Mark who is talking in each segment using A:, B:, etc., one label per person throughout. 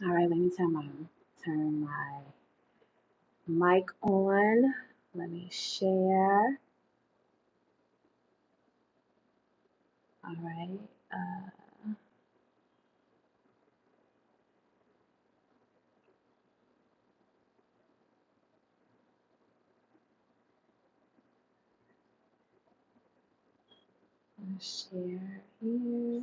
A: All right, let me turn my turn my mic on. Let me share. All right, uh, let's share here.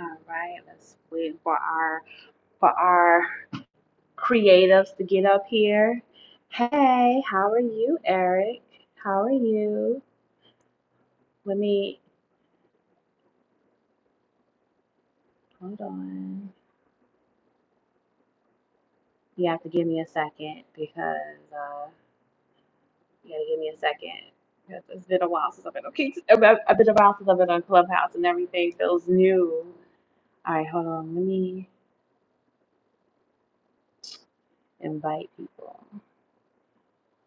A: All right, let's wait for our for our creatives to get up here. Hey, how are you, Eric? How are you? Let me hold on. You have to give me a second because uh, You gotta give me a 2nd 'cause It's been a while since I've been okay. Kicks. I've been I've been a while since I've been on Clubhouse and everything feels new. All right, hold on. Let me invite people.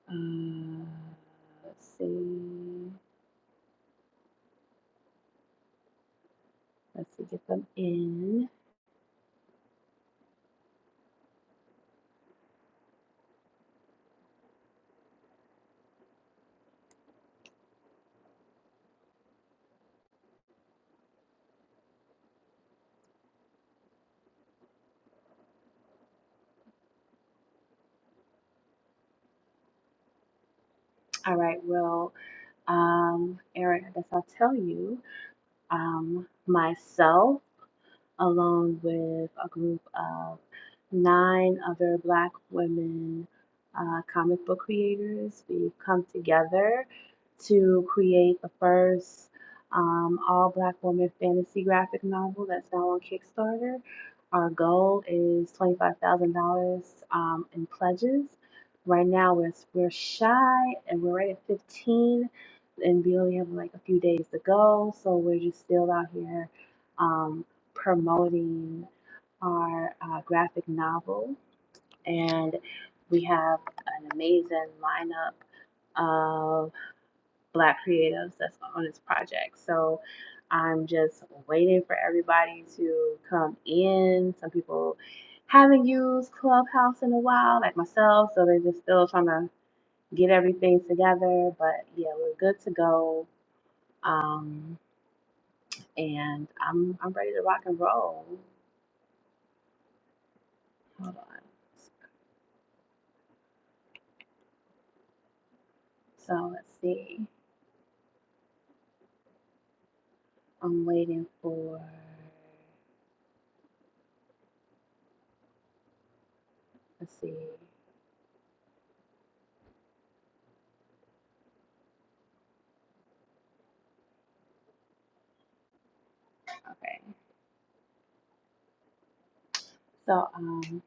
A: Uh, let's see. Let's see, get them in. All right, well, um, Eric, I guess I'll tell you. Um, myself. along with a group of nine other Black women uh, comic book creators. We've come together to create the first um, all Black woman fantasy graphic novel that's now on Kickstarter. Our goal is $25,000 um, in pledges. Right now, we're, we're shy and we're right at 15 and we only have like a few days to go. So we're just still out here um, promoting our uh, graphic novel, and we have an amazing lineup of Black creatives that's on this project. So I'm just waiting for everybody to come in. Some people haven't used Clubhouse in a while, like myself, so they're just still trying to get everything together. But yeah, we're good to go. Um, and I'm I'm ready to rock and roll. Hold on. So let's see. I'm waiting for. Let's see. Okay. So um,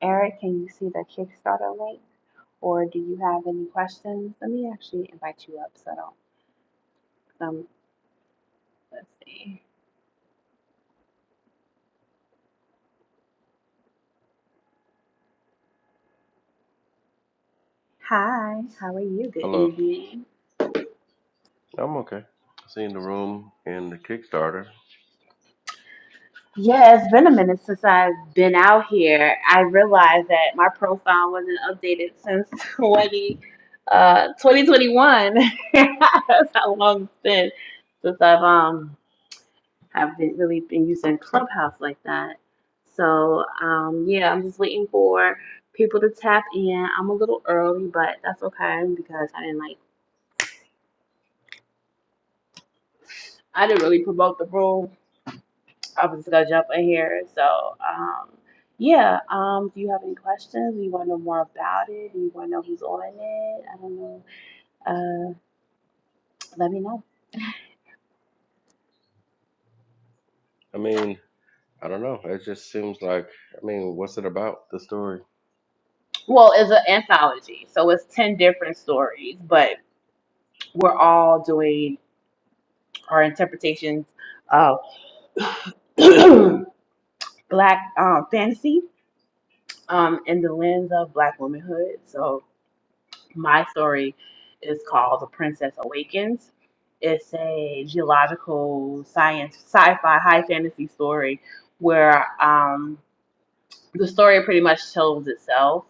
A: Eric, can you see the Kickstarter link, or do you have any questions? Let me actually invite you up. So I don't. Um. Let's see. Hi. How are you? Good
B: Hello.
A: evening.
B: I'm okay. I seen the room and the Kickstarter.
A: Yeah, it's been a minute since I've been out here. I realized that my profile wasn't updated since 20, uh, 2021. That's how long it's been since I've um haven't really been using Clubhouse like that. So um, yeah, I'm just waiting for people to tap in. I'm a little early, but that's okay because I didn't like I didn't really promote the room. I was just gonna jump in here. So um, yeah, um, do you have any questions? Do you want to know more about it? Do you want to know who's on it? I don't know. Uh, let me know.
B: I mean, I don't know. It just seems like I mean, what's it about? The story.
A: Well, it's an anthology, so it's ten different stories, but we're all doing our interpretations of black um, fantasy um, in the lens of black womanhood. So my story is called The Princess Awakens. It's a geological science sci-fi high fantasy story where um, the story pretty much tells itself.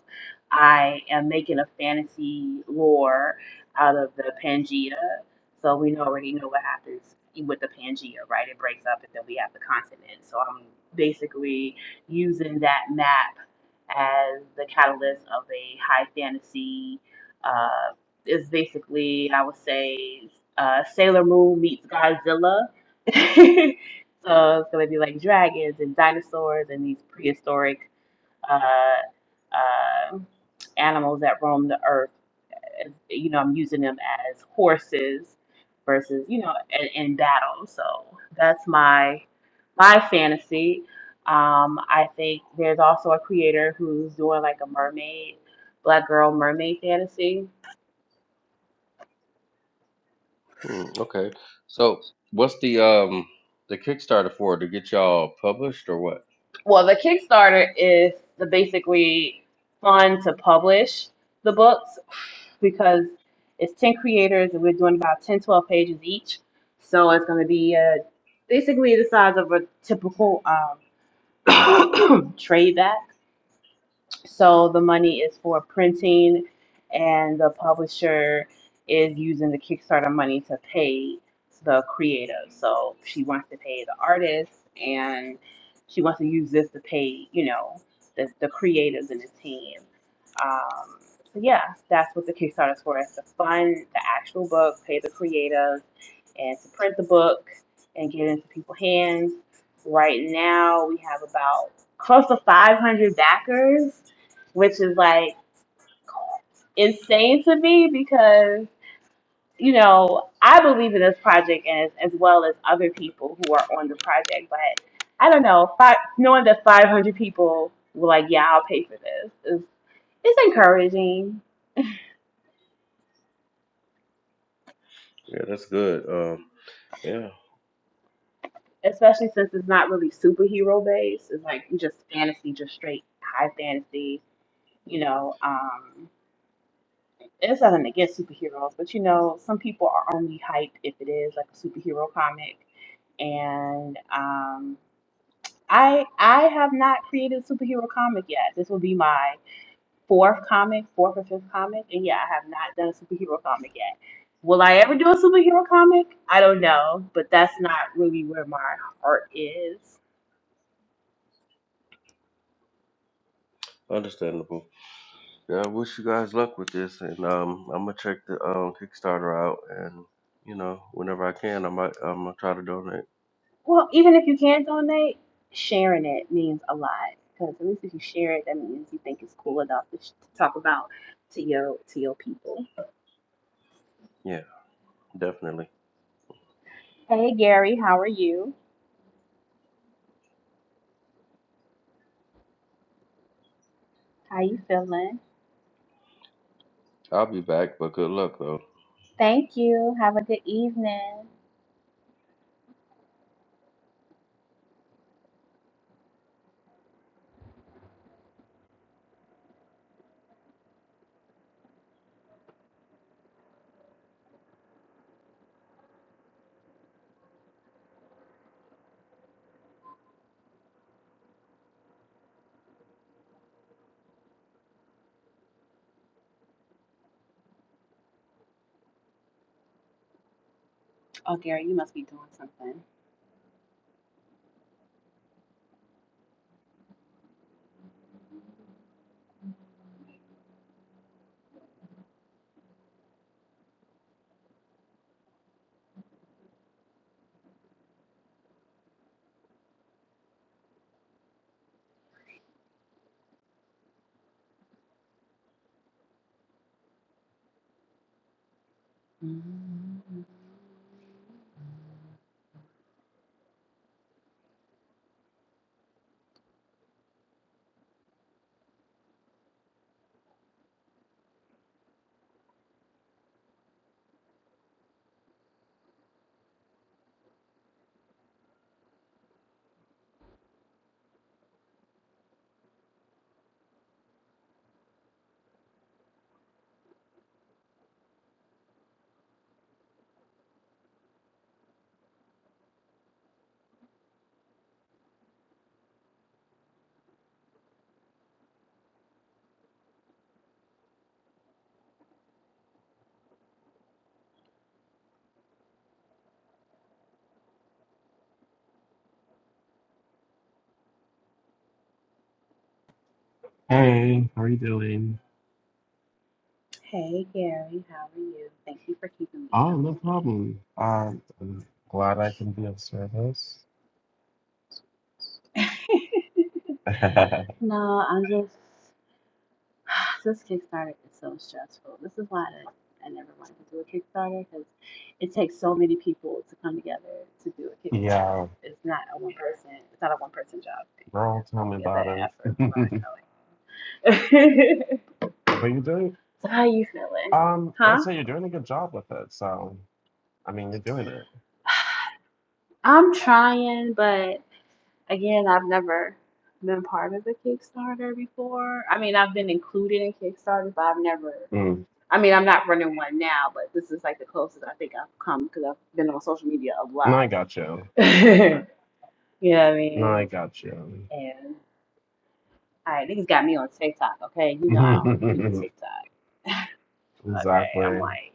A: I am making a fantasy lore out of the Pangea. So we already know what happens with the Pangea, right? It breaks up and then we have the continent. So I'm basically using that map as the catalyst of a high fantasy. Uh, is basically, I would say, uh, Sailor Moon meets Godzilla. so it's going to be like dragons and dinosaurs and these prehistoric uh, uh, animals that roam the earth. you know, I'm using them as horses versus you know in, in battle. So that's my my fantasy. Um, I think there's also a creator who's doing like a mermaid, black girl mermaid fantasy
B: Hmm, okay. So what's the um the Kickstarter for? To get y'all published or what?
A: Well, the Kickstarter is the basically fund to publish the books because it's 10 creators and we're doing about 10, 12 pages each. So it's going to be uh, basically the size of a typical um, trade bag. So the money is for printing, and the publisher is using the Kickstarter money to pay the creative. So she wants to pay the artist, and she wants to use this to pay, you know, the, the creatives in the team. Um, so yeah, that's what the Kickstarter is for. It's to fund the actual book, pay the creatives, and to print the book and get it into people's hands. Right now, we have about close to 500 backers which is like insane to me because you know I believe in this project as as well as other people who are on the project, but I don't know. Five, knowing that five hundred people were like, "Yeah, I'll pay for this," is it's encouraging,
B: Yeah, that's good. Um yeah,
A: especially since it's not really superhero based. It's like just fantasy, just straight high fantasy. You know, um, It's nothing against superheroes, but you know, some people are only hyped if it is like a superhero comic. And um, I I have not created a superhero comic yet. This will be my fourth comic, fourth or fifth comic, and yeah, I have not done a superhero comic yet. Will I ever do a superhero comic? I don't know, but that's not really where my heart is.
B: understandable. Yeah, I wish you guys luck with this and um I'm gonna check the um Kickstarter out and you know, whenever I can I might I'm gonna try to donate.
A: Well, even if you can't donate, sharing it means a lot. Because at least if you share it, that means you think it's cool enough to, sh- to talk about to your to your people.
B: Yeah, definitely.
A: Hey Gary, how are you? How you feeling?
B: I'll be back, but good luck though.
A: Thank you. Have a good evening. Oh Gary, you must be doing something. Mm.
C: Hey, how are you doing?
A: Hey Gary, how are you? Thank you for keeping me
C: Oh, no
A: company.
C: problem. Uh, I'm glad I can be of service.
A: no, I'm just this Kickstarter is so stressful. This is why I, I never wanted to do a Kickstarter because it takes so many people to come together to do a Kickstarter.
C: Yeah,
A: It's not a one person. It's not a one person job thing.
C: girl,
A: It's
C: tell
A: like
C: me
A: it's an
C: about it.
A: effort by a colleague.
C: But you're doing,
A: so how are you feeling?
C: um, I'd
A: Huh?
C: say you're doing a good job with it. So, I mean, you're doing it.
A: I'm trying, but again, I've never been part of a Kickstarter before. I mean, I've been included in Kickstarter, but I've never
C: Mm.
A: I mean, I'm not running one now, but this is like the closest I think I've come because I've been on social media a lot.
C: No, I got you.
A: you know what I
C: No, I
A: mean?
C: got you.
A: And all right, niggas got me on TikTok, okay? You know I don't really do TikTok, okay? I'm
C: Exactly.
A: like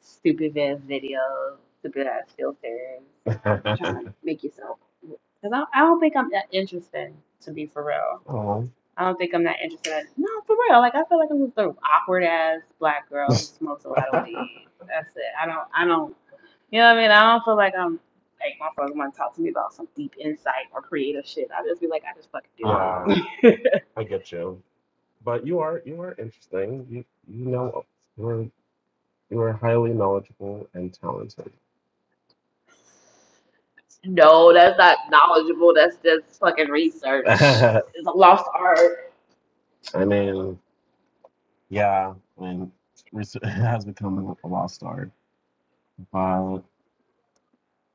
A: stupid ass videos, stupid ass filters, trying to make yourself. Because I, I don't think I'm that interesting, to be for real.
C: Oh.
A: I don't think I'm that interested. In, no, for real. Like I feel like I'm just an awkward ass black girl who smokes a lot of weed. That's it. I don't. I don't. You know what I mean? I don't feel like I'm like my folks want to talk to me about some deep insight or creative shit. I just be like, I just fucking do
C: Yeah,
A: it.
C: I get you. But you are you are interesting. You you know. we're. You are highly knowledgeable and talented.
A: no, that's not knowledgeable. That's just fucking research.
C: I
A: It's a lost art.
C: mean, yeah, I mean, Ris- has become a lost art. But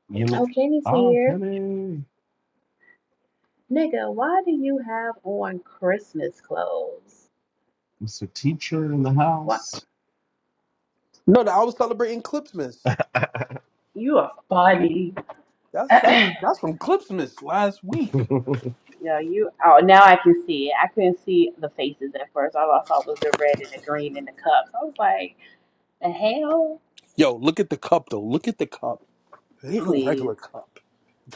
C: you know,
A: Okay, Nita
C: oh,
A: here.
C: Kenny,
A: Nigga, why do you have on Christmas clothes?
C: Mr. Teacher in the
A: What?
C: house.
D: No, I was celebrating Clipsmas.
A: You are funny.
D: That's that's
A: yeah,
D: that's from Clipsmas last week.
A: you. Oh, now I can see it. I couldn't see the faces at first. All I saw was the red and the green and the cups. I was like, the hell,
D: Yo, look at the cup though. Look at the cup. It ain't no
A: please,
D: regular cup.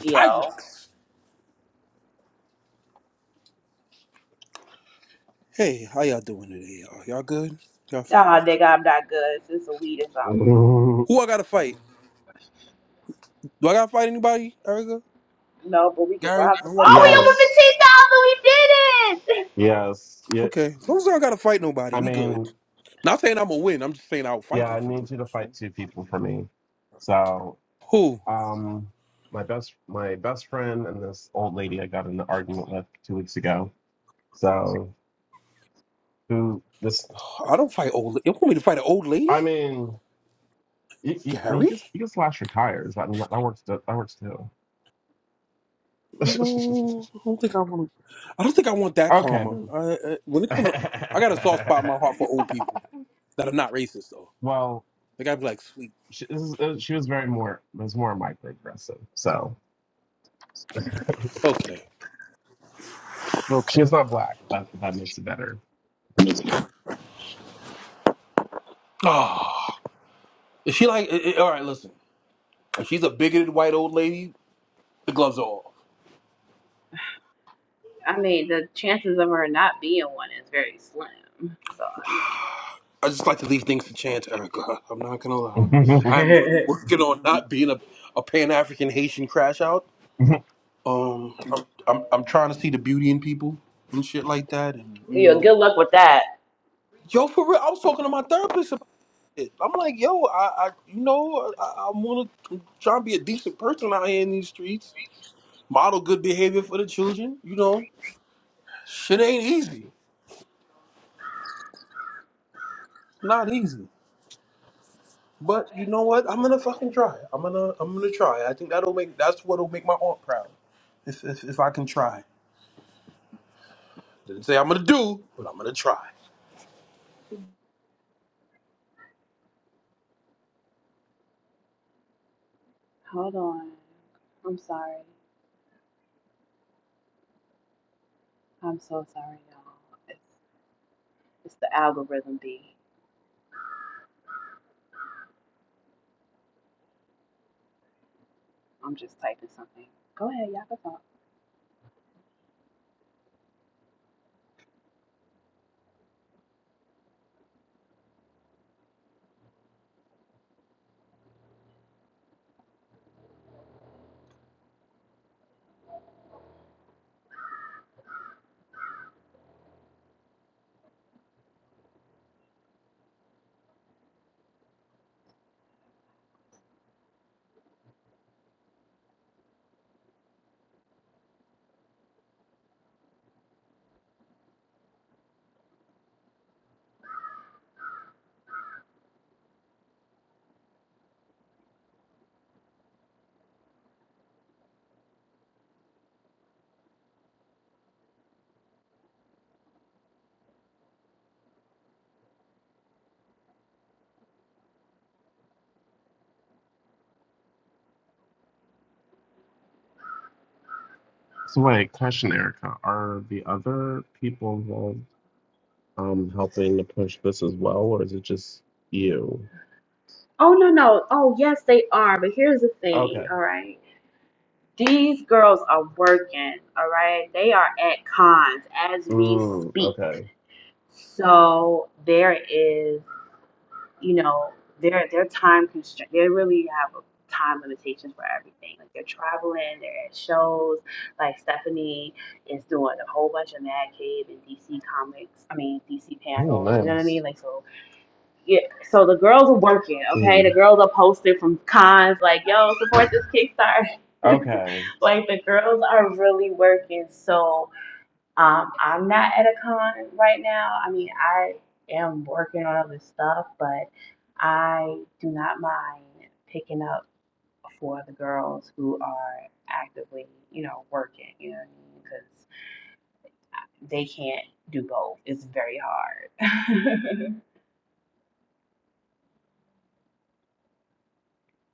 A: yo.
D: Hey, how y'all doing today, y'all? Y'all good? Y'all f-
A: Ah, nigga, I'm not good. It's just a weed or something.
D: Who I gotta fight? Do I gotta fight anybody, Erica?
A: No, but we can
D: Gary?
A: rob
D: I
A: some.
D: don't gotta
A: Oh,
D: fight nobody?
A: we
C: yes,
A: over 15,000. We did it.
C: yes. Yeah,
D: Okay. As long as I don't gotta fight nobody,
C: I
D: we good.
C: mean,
D: Not saying I'm gonna win, I'm just saying I'll
C: yeah,
D: fight them
C: I
D: for you.
C: need you to fight
D: So-
C: two people for me. So,
D: Who?
C: um, my best, my best friend and this old lady I got in an argument with two weeks ago. So, who this?
D: I don't fight old la- You want me to fight an old lady?
C: I mean, you, you, you
D: Gary?
C: can you can slash your tires. I mean, that, that works. that works too.
D: No, I don't think I want. I don't think I want that
C: okay.
D: karma.
C: then.
D: I, I, when it comes, I got a soft spot in my heart for old people that are not racist though.
C: well,
D: They gotta be like, sweet,
C: she, this is, uh, she was very more was more microaggressive. So
D: okay,
C: she
D: okay.
C: is not black. That that makes it better.
D: Ah, is she like? i- i- all right, listen. If she's a bigoted white old lady, the gloves are off.
A: I mean, the chances of her not being one is very slim. So, I mean,
D: I just like to leave things to chance, Erica. I'm not gonna lie. I'm really working on not being a, a Pan African Haitian crash out.
C: so
D: Um, I'm, I'm I'm trying to see the beauty in people and shit like that, and you
A: yeah,
D: know.
A: good luck with that.
D: Yo, for real, I was talking to my therapist it. I'm like, yo, I, I you know, I, I want to try and be a decent person out here in these streets, model good behavior for the children. You know, shit ain't easy, not easy. But you know what? I'm gonna fucking try. I'm gonna, I'm gonna try. I think that'll make that's what'll make my aunt proud. If if, if I can try, didn't say I'm gonna do, but I'm gonna try.
A: Hold on. I'm sorry. I'm so sorry, y'all. It's, it's the algorithm B. I'm just typing something. Go ahead, y'all can talk.
C: wait, question, Erica. Are the other people involved um helping to push this as well, or is it just you?
A: Oh, no, no. Oh, yes, they are. But here's the thing,
C: Okay.
A: all right? These girls are working, all right? They are at cons as we
C: Mm,
A: speak.
C: okay.
A: So there is, you know, their their time constraint. They really have a time limitations for everything. Like they're traveling, they're at shows. Like Stephanie is doing a whole bunch of Mad Cave and DC comics. I mean DC
C: Ooh,
A: panels. You know what I
C: nice.
A: mean? Like so yeah, so the girls are working, okay? The
C: Mm.
A: girls are posted from cons like, yo, support this Kickstarter.
C: Okay.
A: like the girls are really working. So um I'm not at a con right now. I mean I am working on other stuff, but I do not mind picking up for the girls who are actively, you know, working, you know what I mean? Because they can't do both. It's very hard.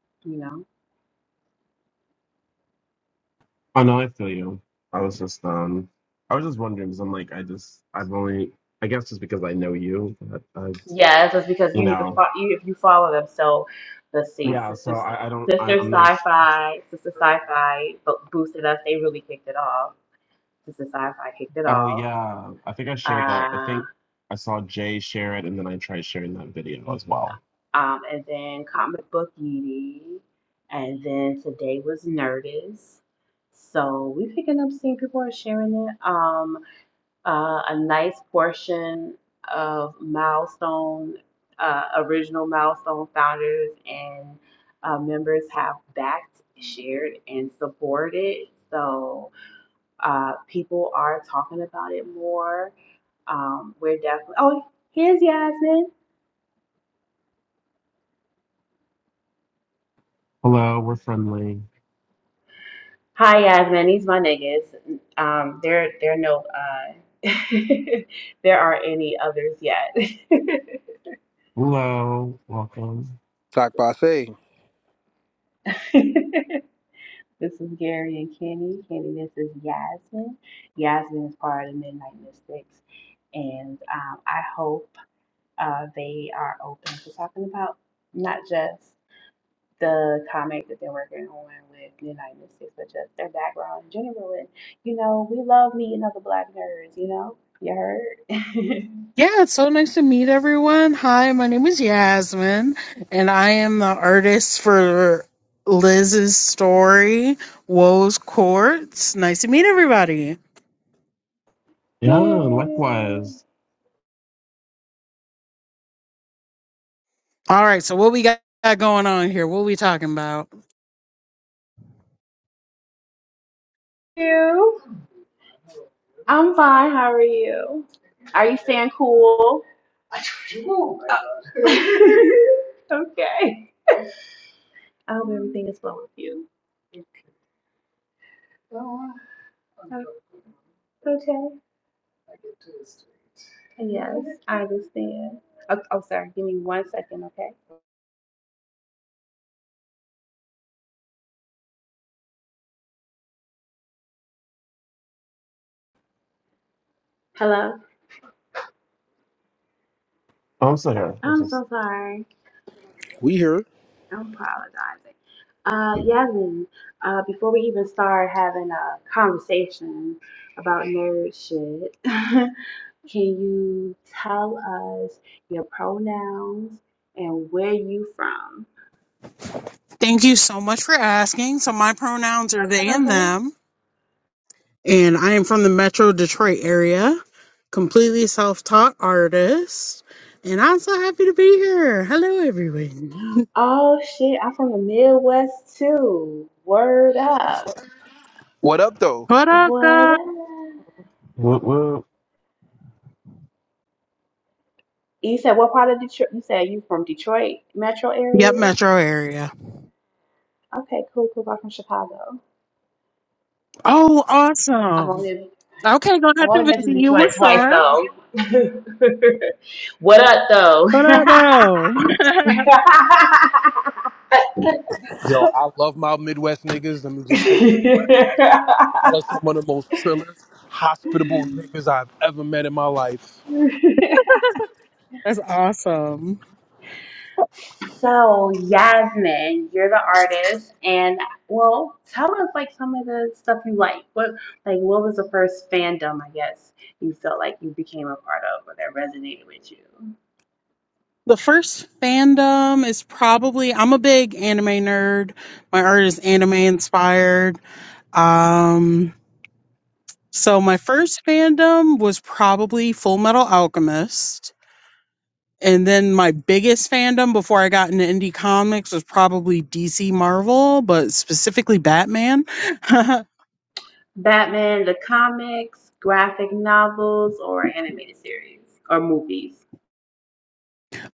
A: you know?
C: I know, I feel you. I was just, um, I was just wondering because I'm like, I just, I've only, I guess just because I know you, that I've,
A: Yeah, it's just because
C: you
A: you need to
C: know,
A: follow you if you follow them. So let's see,
C: yeah. So
A: sister
C: I, I don't, I,
A: sister
C: I'm not. Sh-
A: sci-fi, sister sci-fi bo- boosted us. They really kicked it off. Sister sci-fi kicked it
C: oh
A: off.
C: yeah, I think I shared that. I
A: Uh,
C: think I saw Jay share it, and then I tried sharing that video as well.
A: um, and then comic book Edie, and then today was Nerdist. So we picking up, seeing people are sharing it. Um, uh, a nice portion of milestone, uh, original milestone founders and uh, members have backed, shared, and supported. So uh, people are talking about it more. Um, we're definitely. Oh, here's Yasmin.
C: Hello, we're friendly.
A: Hi, Yasmin. These my niggas. Um, there, there are no. Uh, there aren't any others yet.
C: Hello, welcome.
D: Talk by say,
A: This is Gary and Kenny. Kenny, this is Yasmin. Yasmin is part of the Midnight Mystics, and um, I hope uh, they are open to talking about not just the comic that they're working on with Midnight Mystics, but just their background in general. And you know, we love meeting other Black nerds. You know, you heard?
E: Yeah, it's so nice to meet everyone. Hi, my name is Yasmin, and I am the artist for Liz's story, Woe's Courts. Nice to meet everybody.
C: Yeah,
A: Yay!
C: likewise.
E: All right, so what we got going on here? What we talking about?
A: You? I'm fine. How are you? Are you staying cool? Oh, okay. I hope everything is well with you. Well, I'm Okay. Okay. I get to the street. Yes, I understand. Oh, oh, sorry. Give me one second, okay? Hello.
C: Oh, I'm still here. Let's
A: I'm
C: just,
A: so sorry.
D: we here.
A: I'm apologizing. Uh, Yasmin, uh, before we even start having a conversation about nerd shit, can you tell us your pronouns and where you from?
E: Thank you so much for asking. So my pronouns are they and
A: Okay.
E: them, and I am from the Metro Detroit area, completely self-taught artist, and I'm so happy to be here. Hello, everyone.
A: Oh shit, I'm from the Midwest too. Word up.
D: What up though?
E: What up,
A: What
E: guys?
A: up?
C: woo,
A: You said what part of Detroit? You said you from Detroit metro
E: Yep,
A: area?
E: Metro area.
A: Okay, cool, cool. I'm from Chicago.
E: Oh,
A: I've
E: awesome.
A: only
E: Okay, gonna
A: I've
E: have to
A: only been
E: visit
A: to
E: you.
A: Detroit
E: What's
A: twice
E: up?
A: though. what up though?
E: What up, though?
D: Yo, I love my Midwest niggas. Let me just say, y'all are some of the most trillest, hospitable niggas I've ever met in my life.
E: That's awesome.
A: So Yasmin, you're the artist, and well, tell us like some of the stuff you like. What like what was the first fandom I guess you felt like you became a part of or that resonated with you?
E: The first fandom is probably I'm a big anime nerd. My art is anime inspired. Um, so my first fandom was probably Full Metal Alchemist. And then my biggest fandom before I got into indie comics was probably DC Marvel, but specifically Batman. uh,
A: Batman, the comics, graphic novels, or animated series or movies.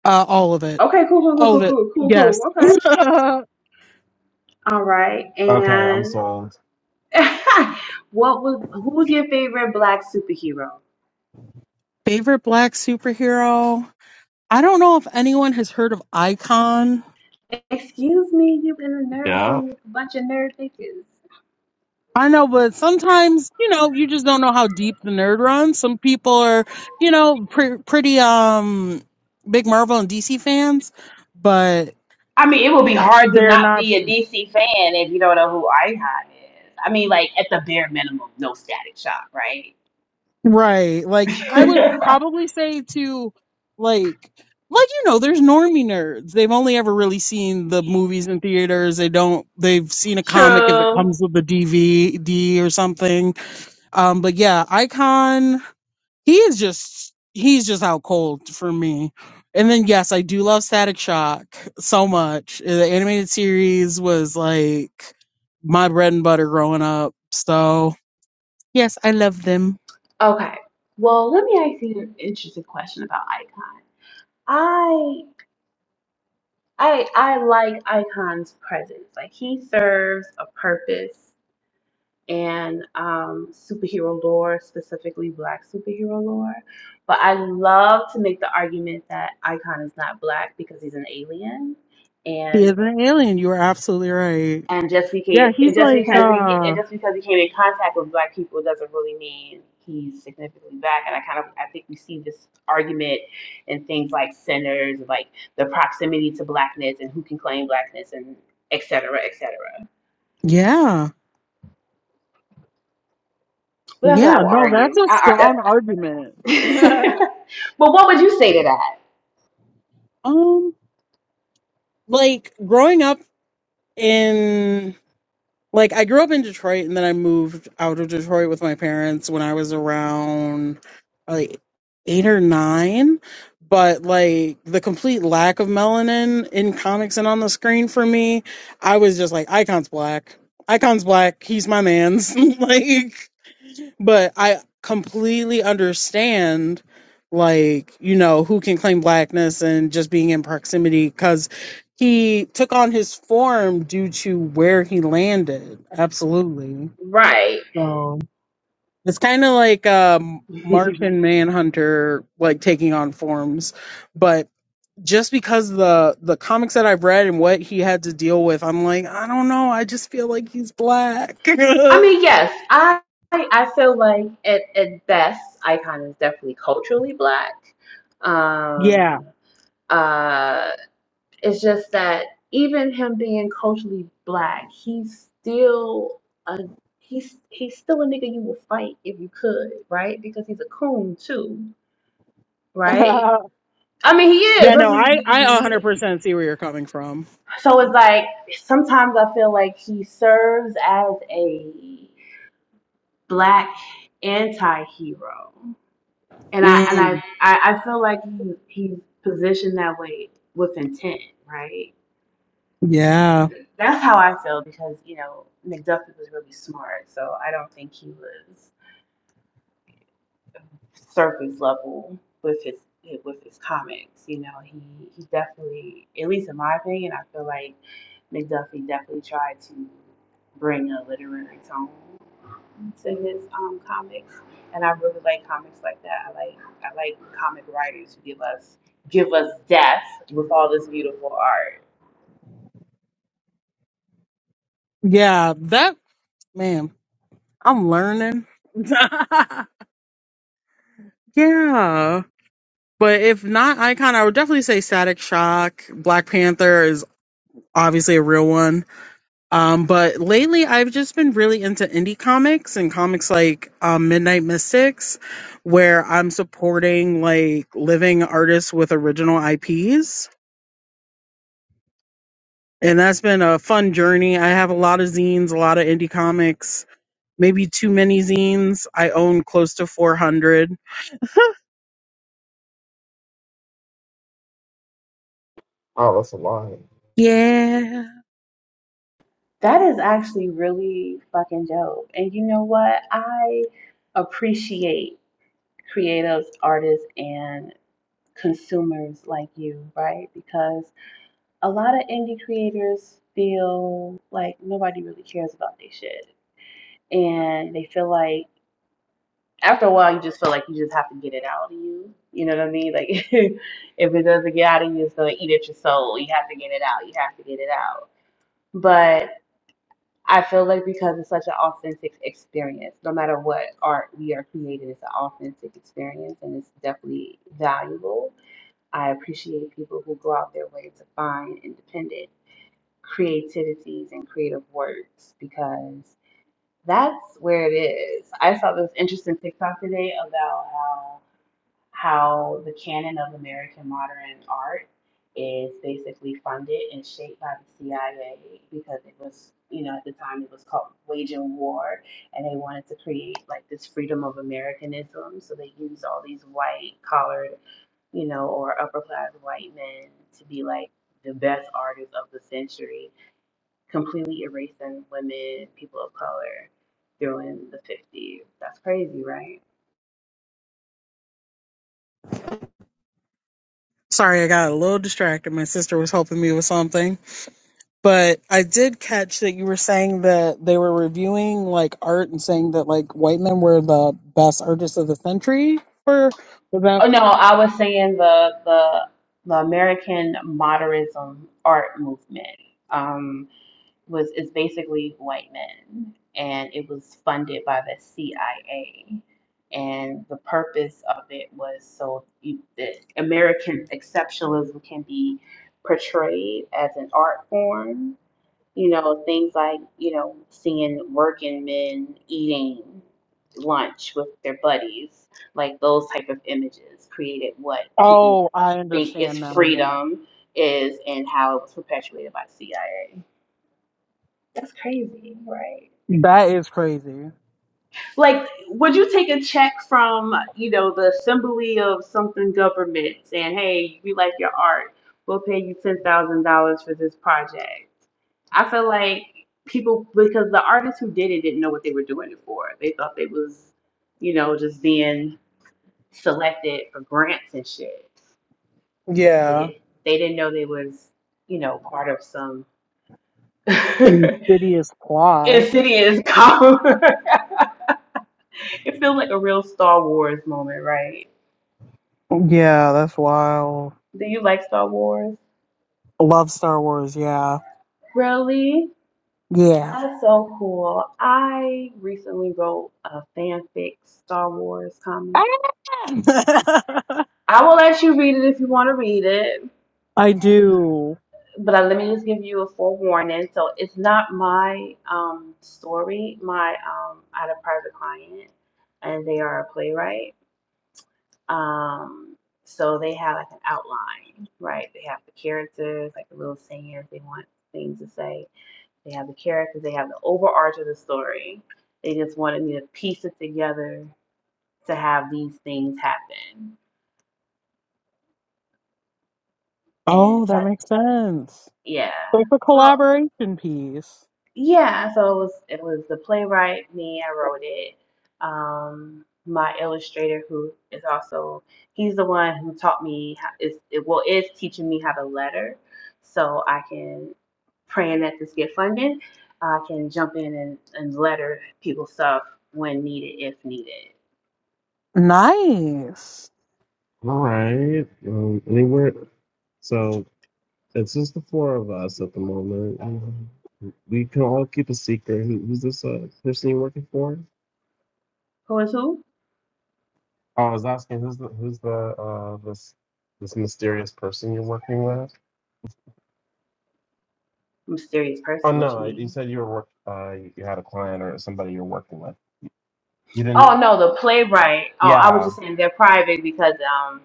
E: all of it.
A: Okay, cool, cool,
E: All
A: cool,
E: of it.
A: cool, cool, cool, cool.
E: Yes.
A: Okay. All right,
C: Okay, I'm
A: and
C: sold.
A: what was who's your favorite black superhero?
E: Favorite black superhero? I don't know if anyone has heard of Icon.
A: Excuse me, you in a nerd
C: Yeah.
A: room with a bunch of nerd bitches.
E: I know, but sometimes, you know, you just don't know how deep the nerd runs. Some people are, you know, pre- pretty um big Marvel and DC fans, but
A: I mean, it would be hard to
E: they're
A: not
E: not
A: be a DC fan if you don't know who Icon is. I mean, like at the bare minimum, no Static Shock, right?
E: Right. Like I would probably say to like like you know, there's normie nerds. They've only ever really seen the movies in theaters. They don't they've seen a comic if it
A: True.
E: comes with a DVD or something. Um but yeah, Icon, he is just he's just out cold for me. And then yes, I do love Static Shock so much. The animated series was like my bread and butter growing up. So, yes, I love them.
A: Okay. Well, let me ask you an interesting question about Icon. I I I like Icon's presence. Like he serves a purpose and um, superhero lore, specifically black superhero lore. But I love to make the argument that Icon is not black because he's an alien,
E: He
A: and
E: is an alien, you are absolutely right.
A: and just because
E: Yeah,
A: and
E: he's
A: just
E: like,
A: because he and
E: uh,
A: just because he came in contact with black people doesn't really mean he's significantly black. And I kind of I think we see this argument in things like centers, like the proximity to blackness and who can claim blackness and et cetera, et cetera.
E: yeah,
A: But that's what I
E: yeah,
A: will
E: no, that's
A: argue.
E: a
A: I,
E: strong argument.
A: but what would you say to that?
E: um, like growing up in, like, I grew up in Detroit and then I moved out of Detroit with my parents when I was around like eight or nine. But like the complete lack of melanin in comics and on the screen for me, I was just like, Icon's black. Icon's black. He's my man's. like, but I completely understand like you know who can claim blackness and just being in proximity because he took on his form due to where he landed absolutely
A: Right.
E: so it's kind of like um martian manhunter like taking on forms but just because the the comics that i've read and what he had to deal with i'm like i don't know i just feel like he's black
A: I mean, yes, I I feel like at, at best, Icon is definitely culturally black.
E: yeah
A: Um, uh, it's just that even him being culturally black, he's still a he's he's still a nigga you will fight if you could, right? Because he's a coon too, right? I mean, he is.
E: Yeah, no, I
A: This
E: I
A: is
E: 100% see where you're coming from.
A: So it's like sometimes I feel like he serves as a black anti-hero, and I and I
E: Mm,
A: I, I feel like he, he's positioned that way with intent, right?
E: yeah.
A: That's how I feel because you know McDuffie was really smart, so I don't think he was surface level with his with his comics. You know, he he definitely, at least in my opinion, I feel like McDuffie definitely tried to bring a literary tone to his um, comics, and I really like comics like that. I like I like comic writers who give us give us death with all this beautiful art.
E: Yeah, that man, I'm learning. yeah. But if not Icon, I would definitely say Static Shock, Black Panther is obviously a real one. Um but lately I've just been really into indie comics and comics like um, Midnight Mystics where I'm supporting like living artists with original IPs. and that's been a fun journey. I have a lot of zines, a lot of indie comics, maybe too many zines. I own close to 400.
C: Oh, that's a lot.
E: Yeah.
A: That is actually really fucking dope. And you know what? I appreciate creatives, artists, and consumers like you, right? Because a lot of indie creators feel like nobody really cares about their shit. And they feel like after a while you just feel like you just have to get it out of you. You know what I mean? Like if it doesn't get out of you, it's gonna eat at your soul. You have to get it out. You have to get it out. But I feel like because it's such an authentic experience, no matter what art we are creating, it's an authentic experience and it's definitely valuable. I appreciate people who go out their way to find independent creativities and creative works because that's where it is. I saw this interesting TikTok today about how how the canon of American modern art is basically funded and shaped by the CIA because it was, you know, at the time it was called waging war and they wanted to create like this freedom of Americanism. So they used all these white collared, you know, or upper class white men to be like the best artists of the century, completely erasing women, people of color during the 50s. That's crazy, right?
E: Sorry, I got a little distracted. My sister was helping me with something. But I did catch that you were saying that they were reviewing like art and saying that like white men were the best artists of the century for was that
A: Oh no, I was saying the the the American modernism art movement um, was is basically white men, and it was funded by the CIA. And the purpose of it was so you- that American exceptionalism can be portrayed as an art form you know, things like, you know, seeing working men eating lunch with their buddies, like those type of images created what people
E: Oh, I
A: think is
E: understand now, yeah.
A: freedom is and how it was perpetuated by CIA. That's crazy, right?
E: That is crazy.
A: Like, would you take a check from, you know, the assembly of something government saying, hey, we like your art, we'll pay you $10,000 for this project? I feel like people, because the artists who did it didn't know what they were doing it for. They thought they was, you know, just being selected for grants and shit. They
E: Yeah.
A: didn't, they didn't know they was, you know, part of some
E: Insidious plot.
A: insidious cover. it feels like a real Star Wars moment, right?
E: Yeah, that's wild.
A: Do you like Star Wars?
E: Love Star Wars. Yeah.
A: Really?
E: Yeah.
A: That's so cool. I recently wrote a fanfic Star Wars comic.
E: Ah!
A: I will let you read it if you want to read it,
E: I do.
A: but uh, let me just give you a forewarning. So it's not my um, story. My um, I had a private client, and they are a playwright. Um, so they have like an outline, right? They have the characters, like the little sayings they want things to say They have the characters, they have the overarch of the story. They just wanted me to piece it together to have these things happen. And
E: Oh, that
A: that
E: makes sense.
A: yeah.
E: So it's a
A: So
E: collaboration piece.
A: yeah, so it was it was the playwright, me, I wrote it. Um my illustrator who is also he's the one who taught me how is it well is teaching me how to letter so I can praying that this get funded, I can jump in and, and letter people stuff when needed if needed.
E: Nice.
C: All right. Um, anywhere. So. It's just the four of us at the moment. you We can all keep a secret. Who, who's this uh, person you're working for?
A: Who is who?
C: Oh, I was asking who's the who's the uh, this this mysterious person you're working with?
A: Mysterious
C: Oh
A: person. What you
C: no, you
A: mean?
C: said you were work. Uh, you had a client or somebody you're working with. You didn't.
A: Oh no, the playwright. Oh, I was
C: Yeah,
A: just saying they're private because um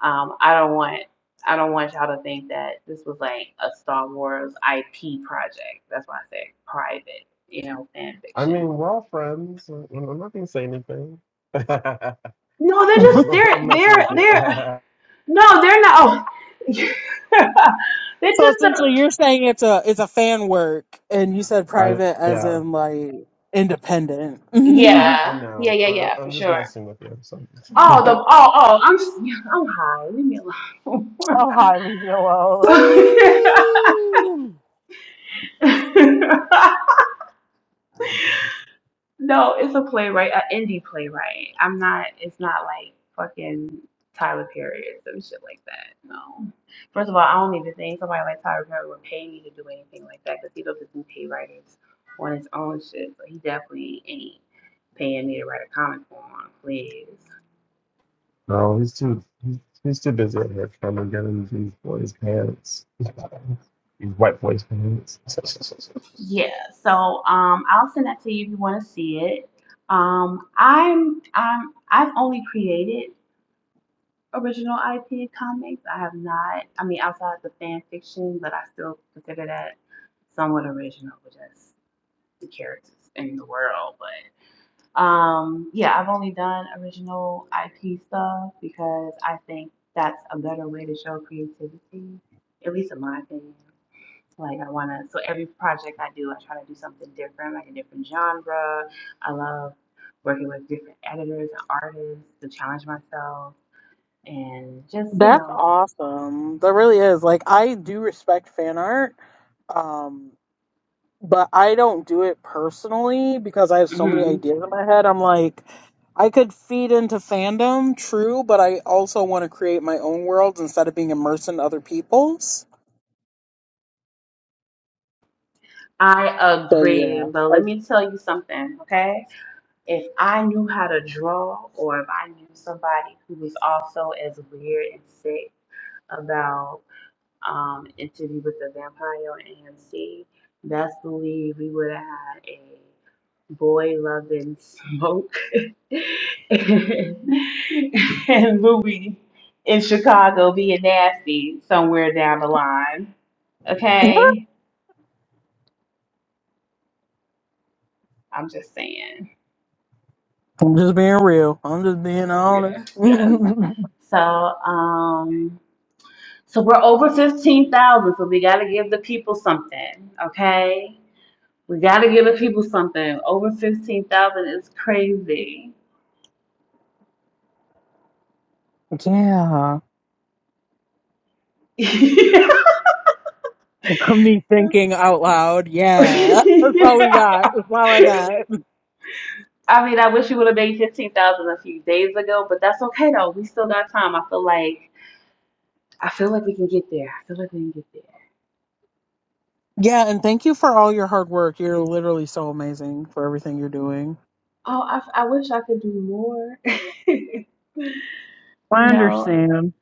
A: um I don't want I don't want y'all to think that this was like a Star Wars IP project. That's why I said private. You know, fan
C: I mean
A: fiction.
C: we're all friends. I'm I'm not gonna say anything. I'm
A: No, they're
C: just
A: just they're
C: I'm messing
A: they're
C: with you.
A: they're no, they're not. Oh. they're
E: so
A: just a,
E: essentially, you're saying it's a it's a fan work, and you said
C: I,
E: private as
C: yeah,
E: in like independent.
C: I,
E: oh,
C: I
A: yeah yeah
C: know.
A: yeah
C: I,
A: yeah for
C: I'm just
A: sure.
C: messing with you. So.
A: Oh the oh oh I'm just, I'm high. Leave me alone.
E: highly yellow.
D: Damn!
E: Uh,
A: no, it's a playwright, an indie playwright. I'm not. It's not like fucking Tyler Perry or some shit like that. No. First of all, I don't even think somebody like Tyler Perry would pay me to do anything like that because he doesn't do pay writers on his own shit. But he definitely ain't paying me to write a comic for him, please.
C: No, he's too he's, he's too busy at here trying to get in these boys' pants. These white boys' pants.
A: Yeah. So um, I'll send that to you if you want to see it. Um, I'm I'm I've only created original IP comics. I have not. I mean, outside the fan fiction, but I still consider that somewhat original with just the characters in the world. But um, yeah, I've only done original IP stuff because I think that's a better way to show creativity, at least in my opinion. Like I wanna, so every project I do, I try to do something different, like a different genre. I love working with different editors and artists to challenge myself and just you
E: That's
A: know
E: awesome. That really is. Like I do respect fan art. Um, but I don't do it personally because I have so many
A: hmm
E: ideas in my head. I'm like, I could feed into fandom, true, but I also want to create my own worlds instead of being immersed in other people's.
A: I
E: So
A: agree,
E: yeah,
A: but
E: I,
A: let me tell you something, okay? If I knew how to draw, or if I knew somebody who was also as weird and sick about um, Interview with the Vampire on AMC, best believe we would have had a boy loving smoke and Louie in Chicago being nasty somewhere down the line, okay? I'm just saying.
E: I'm just being real. I'm just being honest.
A: Yeah. Yes. So, um, so we're over fifteen thousand. So we gotta give the people something, okay? We gotta give the people something. Over fifteen thousand is crazy.
E: yeah, me thinking out loud. Yeah, that's all we got. That's all I got.
A: I mean, I wish you would have made fifteen thousand a few days ago, but that's okay though. We still got time. I feel like I feel like we can get there. I feel like we can get there.
E: Yeah, and thank you for all your hard work. You're literally so amazing for everything you're doing.
A: Oh, I, I wish I could do more. you
E: I
A: know,
E: understand.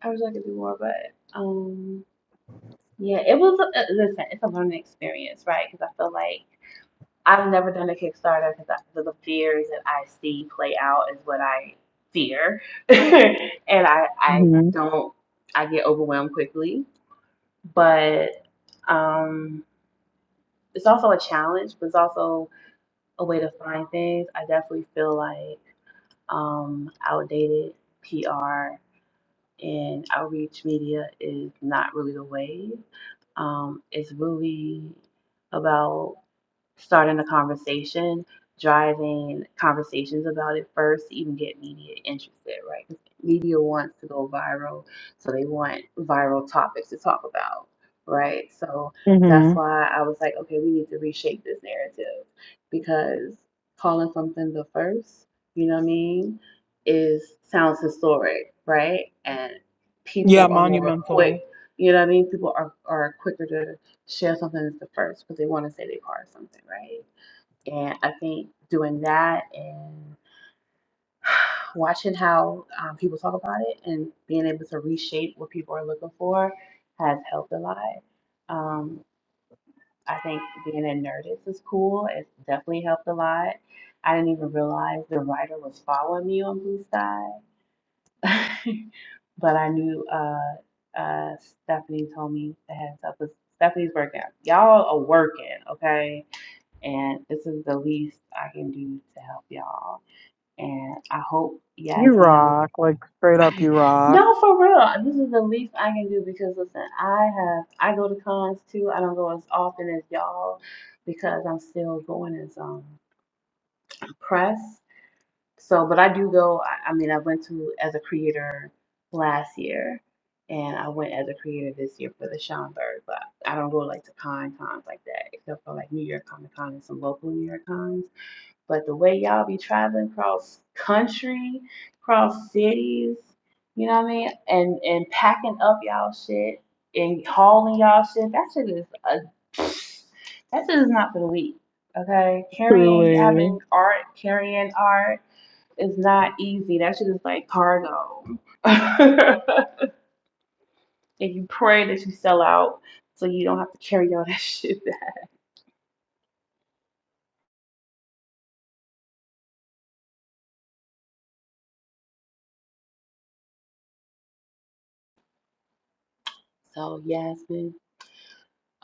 A: I wish I could do more, but um. Yeah, it was. A, uh, Listen, it's a learning experience, right? Because I feel like I've never done a Kickstarter because the the fears that I see play out is what I fear, and I I
E: hmm
A: don't I get overwhelmed quickly. But um, it's also a challenge, but it's also a way to find things. I definitely feel like um, outdated PR. and outreach media is not really the way. Um, it's really about starting a conversation, driving conversations about it first to even get media interested, right? 'Cause media wants to go viral, so they want viral topics to talk about, right? So
E: hmm
A: that's why I was like, okay, we need to reshape this narrative because calling something the first, you know what I mean, is sounds historic, right? And
E: Yeah,
A: people are more
E: monumental.
A: quick, you know what I mean? People are, are quicker to share something as the first but they want to say they part of something, right? And I think doing that and watching how um, people talk about it and being able to reshape what people are looking for has helped a lot. Um, I think being in Nerdist is cool. It's definitely helped a lot. I didn't even realize the writer was following me on Blue Sky, but I knew uh, uh, Stephanie told me the heads up. 'cause Stephanie's working. Y'all are working, okay? And this is the least I can do to help y'all. And I hope
E: You
A: Yasmin, I hope
E: rock, like straight up, you rock.
A: no, for real. This is the least I can do because listen, I have I go to cons too. I don't go as often as y'all because I'm still going as um press. So, but I do go. I, I mean, I went to as a creator last year, and I went as a creator this year for the Schaumburg. But I don't go like to con cons like that, except for like New York Comic Con and some local New York cons but the way y'all be traveling cross country, cross cities, you know what I mean, and and packing up y'all shit and hauling y'all shit, that shit is a that shit is not for the weak. Okay, carrying having
E: Truly.
A: art, carrying art is not easy. That shit is like cargo. and you pray that you sell out so you don't have to carry all that shit back. So Yasmin,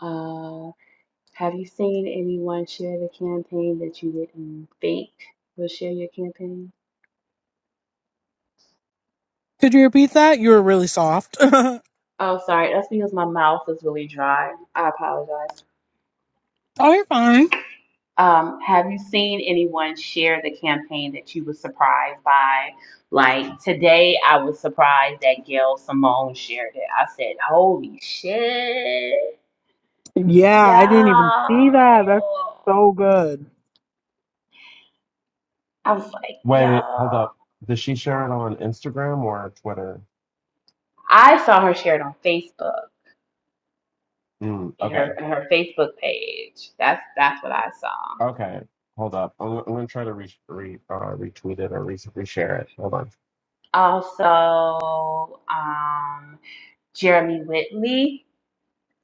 A: uh Have you seen anyone share the campaign that you didn't think would share your campaign?
E: Could you repeat that? You were really soft. oh,
A: Oh, sorry, that's because my mouth is really dry. I apologize.
E: you're fine.
A: Um, have you seen anyone share the campaign that you were surprised by? Like today, I was surprised that Gail Simone shared it. I said, "Holy shit,
E: Yeah,
A: yo!"
E: I didn't even see that. That's so good.
A: I was like,
C: Wait, hold
A: "Yo!"
C: up. Does she share it on Instagram or Twitter?
A: I saw her share it on Facebook.
C: Mm,
A: in her
C: okay,
A: in her Facebook page. That's that's what I saw.
C: okay. Hold up. I'm, I'm gonna try to re, re uh, retweet it or re, reshare it. Hold on.
A: Also, um, Jeremy Whitley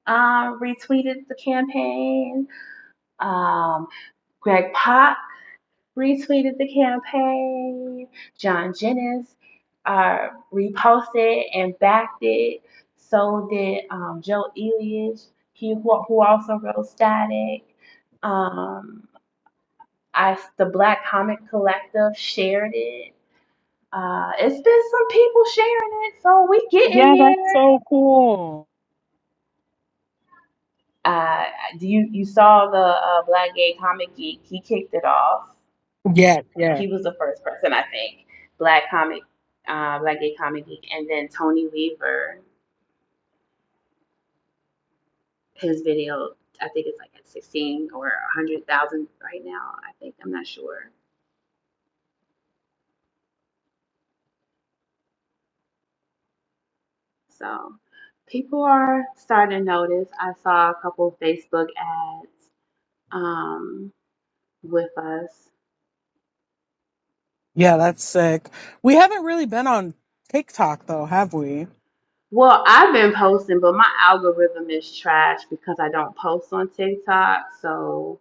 A: um, retweeted the campaign. Um, Greg Pop retweeted the campaign. John Jennings uh, reposted and backed it. So did um, Joe Elias, he, who, who also wrote Static. Um, I, the Black Comic Collective shared it Uh, it's been some people sharing it, so we getting
E: Yeah, that's
A: there.
E: so cool.
A: Uh, you you saw the uh, Black Gay Comic Geek? He kicked it off.
E: Yes, yes.
A: He was the first person, I think. Black comic, uh, Black Gay Comic Geek, and then Tony Weaver. His video, I think it's like at sixteen or hundred thousand right now. I think I'm not sure. So people are starting to notice. I saw a couple of Facebook ads um, with us.
E: Yeah, that's sick. We haven't really been on TikTok though, have we?
A: Well, I've been posting, but my algorithm is trash because I don't post on TikTok. So,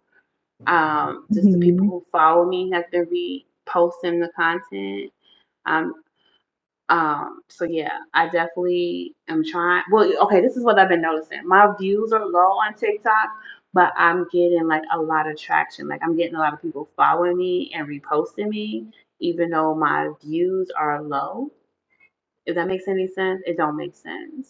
A: um, just the people
E: hmm
A: who follow me have been reposting the content. Um, um, so yeah, I definitely am trying. Well, okay, this is what I've been noticing. My views are low on TikTok, but I'm getting like a lot of traction. Like I'm getting a lot of people following me and reposting me, even though my views are low. If that makes any sense, it don't make sense.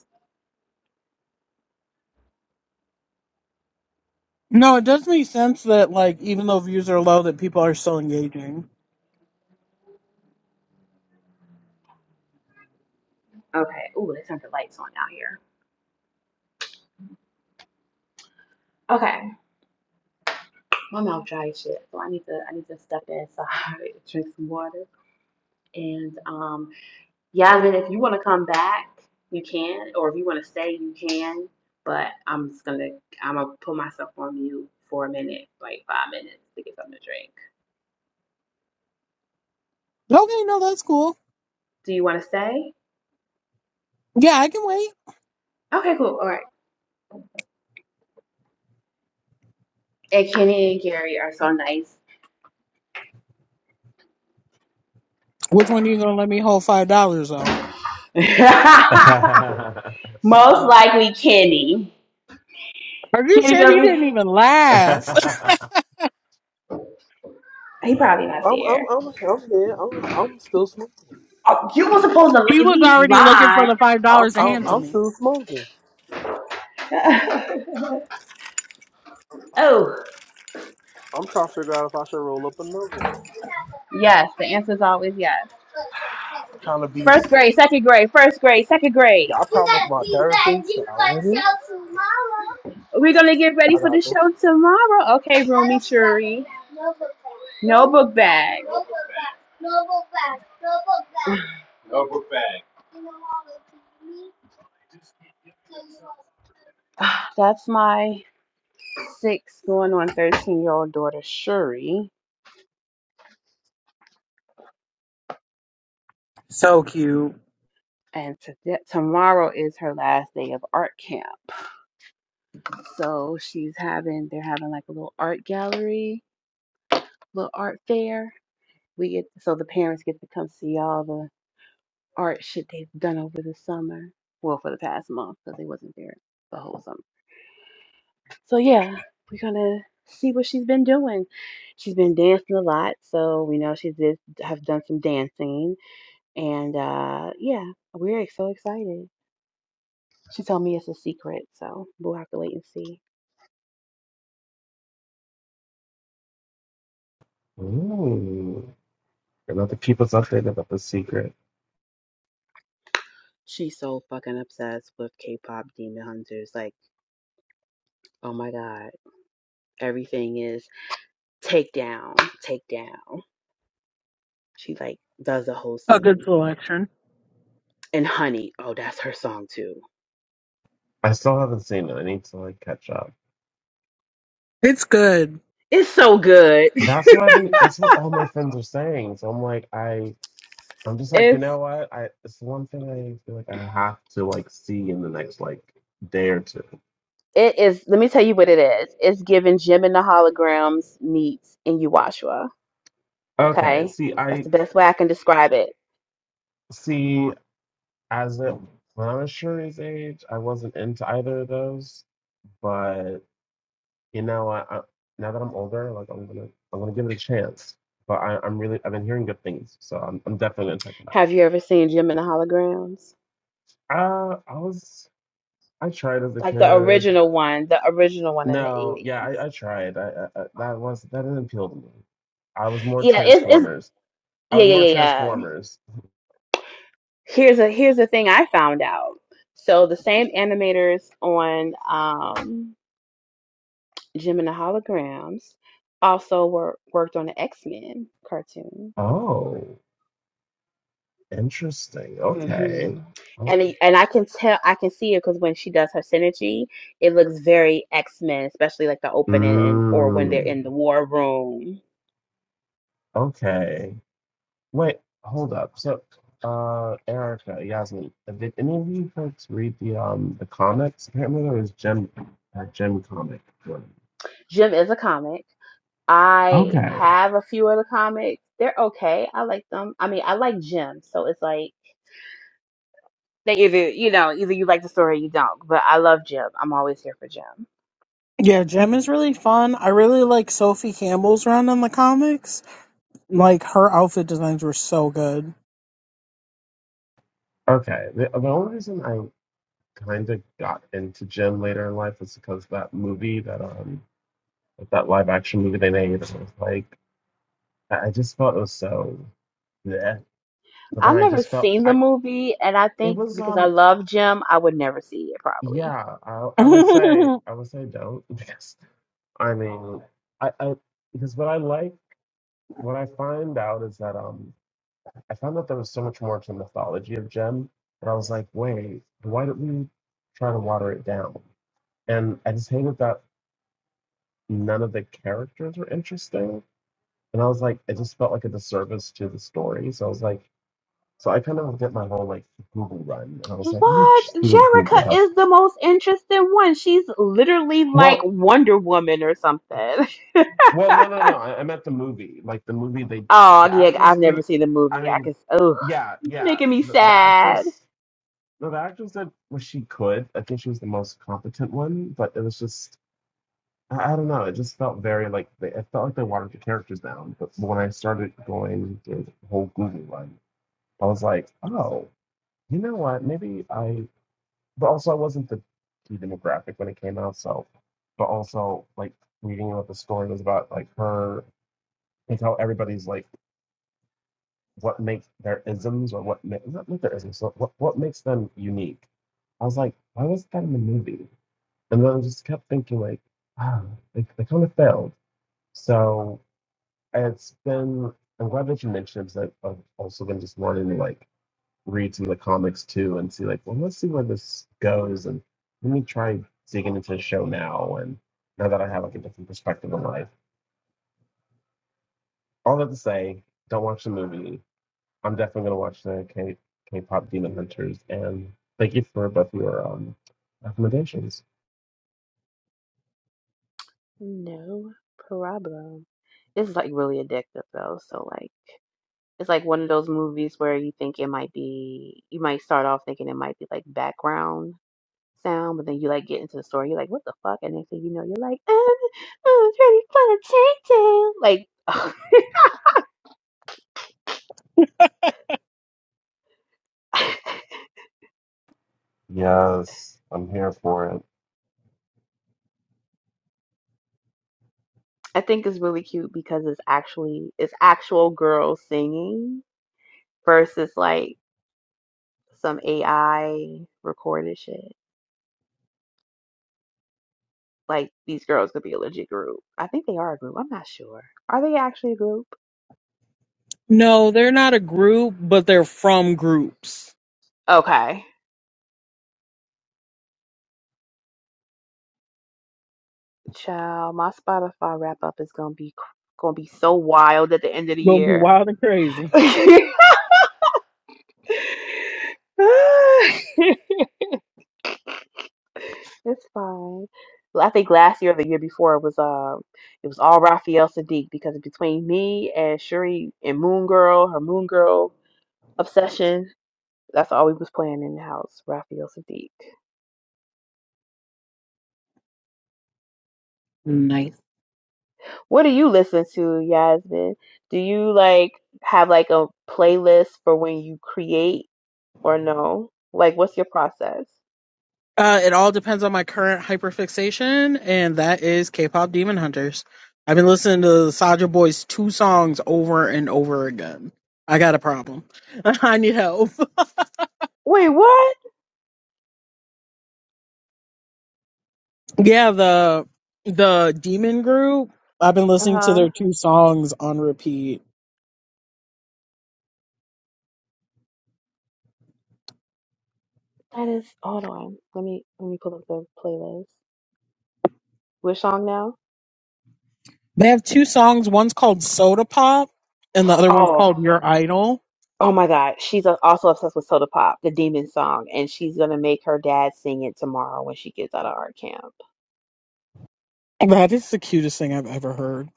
E: No, it does make sense that like even though views are low, that people are still engaging.
A: Okay. Ooh, they turned the lights on out here. Okay. My mouth dry as shit, so I need to I need to step inside, drink some water, and um, Yasmin, if you want to come back, you can, or if you want to stay, you can. But I'm just gonna I'm gonna put myself on mute for a minute, like five minutes, to get something to drink.
E: Okay, no, that's cool.
A: Do you want to stay?
E: Yeah, I can wait.
A: Okay, cool. All right. And Kenny and Gary are so nice.
E: Which one are you gonna let me hold five dollars though?
A: Most likely Kenny.
E: Are you
A: Kenny
E: sure
A: gonna
E: he didn't
A: be.
E: even laugh?
A: He probably not
D: I'm I'm
A: there.
D: I'm I'm there. I'm I'm still smoking.
A: You were supposed
E: he
A: to at
E: was
A: least
E: already looking for
A: lie.
E: the five
D: I'm
E: dollars to
D: I'm,
E: hand to
D: I'm
E: me.
D: still smoking.
A: Oh,
D: I'm trying to figure out if I should roll up another one.
A: yes, the answer is always yes.
D: Trying to be.
A: First grade, second grade, first grade, second grade.
D: Yeah, I
A: You
D: promised
A: gotta
D: my
A: be
D: therapist
A: ready
D: that I
A: for the
D: wouldn't.
A: show tomorrow. We're gonna get ready
D: I
A: for the
D: got those.
A: show tomorrow. Okay, Rumi Shuri. No No No book book book bag. No book bag. No book bag. No book bag. That's my six going on 13 year old daughter Shuri.
E: So cute.
A: And today, tomorrow is her last day of art camp. So she's having, they're having like a little art gallery, little art fair. We get, so the parents get to come see all the art shit they've done over the summer. Well, for the past month, because they wasn't there the whole summer. So yeah, we're gonna see what she's been doing. She's been dancing a lot, so we know she did have done some dancing. And uh yeah, we're so excited. She told me it's a secret, so we'll have to wait and see.
C: Ooh, you're about to keep us updated about the secret.
A: She's so fucking obsessed with K-pop demon hunters. Like, oh my god, everything is take down, take down. She like does the whole
E: A good
A: scene.
E: selection.
A: And Honey, oh, that's her song too.
C: I still haven't seen it. I need to like catch up.
E: It's good.
A: It's so good.
C: That's what I've been. That's what all my friends are saying. So I'm like, I I'm just like, you
A: It's
C: know what? I it's the one thing I feel like I have to like see in the next like day or two.
A: it is. Let me tell you what it is. It's giving Jim and the Holograms meets in Uwashua.
C: Okay,
A: Okay,
C: see,
A: that's
C: I
A: the best way I can describe it.
C: see as it when I was Shuri's age, I wasn't into either of those, but you know, I, I now that I'm older, like I'm gonna I'm gonna give it a chance. But I, I'm really I've been hearing good things, so I'm I'm definitely gonna check it out.
A: Have you ever seen Jim and the Holograms?
C: Uh, I was I tried as a
A: like the
C: kid.
A: original one, the original one in the
C: No, yeah,
A: eighties.
C: I, I tried. I, I, I that was that didn't appeal to me. I was more
A: Yeah, it's it's
C: Transformers. I
A: yeah
C: was
A: yeah
C: more
A: yeah yeah.
C: Transformers.
A: Here's a here's the thing I found out. So the same animators on um Jim and the Holograms also were worked on the X Men cartoon.
C: Oh, interesting. Okay.
A: hmm
C: Okay.
A: And it- and I can tell I can see it because when she does her synergy, it looks very X Men, especially like the opening and or when they're
C: Mm,
A: in the war room.
C: okay. Wait, hold up. So, uh, Erica, Yasmin, did any of you folks read the um the comics? Apparently, there was Gem a Gem comic. one.
A: Jim is a comic. I
C: Okay.
A: have a few other comics. They're okay. I like them. I mean, I like Jim, so it's like they either you know either you like the story or you don't. But I love Jim. I'm always here for Jim.
E: Yeah, Gem is really fun. I really like Sophie Campbell's run in the comics. Like her outfit designs were so good.
C: Okay. The, the only reason I kind of got into Gem later in life was because that movie that um that live action movie they made. And I was like, I I just thought it was so. bleh. but then
A: I've
C: I
A: never
C: just felt
A: seen the
C: I
A: movie, and I
C: it
A: think
C: was
A: because I
C: um
A: love Jim, I would never see it probably.
C: yeah I I would say I would say don't because I mean I, I because what I like what I find out is that um I found out there was so much more to the mythology of Gem and I was like wait why don't we try to water it down and I just hated that none of the characters were interesting and I was like it just felt like a disservice to the story so I was like so I kind of did my whole like Google run and I was like let me
A: What?
C: just see what Google
A: Jerica
C: has
A: is the most interesting one. She's literally like
C: well,
A: Wonder Woman or something.
C: Well, no, no, no. I, I meant the movie. Like the movie, they
A: Oh
C: the
A: yeah,
C: actress
A: I've
C: did.
A: never seen the
C: I
A: movie. I
C: mean,
A: can. Oh,
C: yeah, yeah.
A: making me
C: The, the
A: sad.
C: actress, no, the actress did what she could. I think she was the most competent one, but it was just I, I don't know. It just felt very like they, it felt like they watered the characters down. But when I started going through the whole Google one, I was like, oh, you know what? Maybe I. But also, I wasn't the key demographic when it came out. So, but also like reading what the story was about, like her is how everybody's like what makes their isms or what ma- not their isms so what what makes them unique. I was like, why was that in the movie? And then I just kept thinking like, ah, they, they kind of failed. So it's been I'm glad that you mentioned it because I- I've also been just wanting to like read some of the comics too and see like, well, let's see where this goes and let me try digging into the show now and now that I have like a different perspective on life. All that to say, don't watch the movie I'm definitely gonna watch the K K-pop Demon Hunters, and thank you for both your um recommendations.
A: No problem. It's like really addictive though. So like it's like one of those movies where you think it might be you might start off thinking it might be like background sound, but then you like get into the story, you're like, what the fuck? And next thing you know, you're like, um, I'm ready for the takedown. Like
C: Yes, I'm here for it.
A: I think it's really cute because it's actually it's actual girls singing versus like some AI recorded shit. like these girls could be a legit group. I think they are a group. I'm not sure. Are they actually a group?
E: No, they're not a group, but they're from groups.
A: Okay. Child, my Spotify wrap up is gonna be gonna be so wild at the end of the
E: Gonna be
A: year.
E: wild and crazy.
A: it's fine. Well, I think last year or the year before it was uh it was all Raphael Sadiq because between me and Shuri and Moon Girl, her Moon Girl obsession, that's all we was playing in the house, Raphael Sadiq. What do you listen to, Yasmin? Do you like have like a playlist for when you create or no? Like what's your process?
E: Uh, it all depends on my current hyperfixation, and that is K-pop Demon Hunters. I've been listening to the Soldier Boy's two songs over and over again. I got a problem. I need help.
A: Wait, what?
E: yeah, the the Demon Group. I've been listening to
A: Uh-huh.
E: their two songs on repeat.
A: That is hold on. Let me let me pull up the playlist. Which song now?
E: They have two songs. One's called Soda Pop, and the other one's
A: Oh.
E: called Your Idol.
A: Oh my God. She's uh, also obsessed with Soda Pop, the demon song, and she's gonna make her dad sing it tomorrow when she gets out of art camp.
E: That is the cutest thing I've ever heard.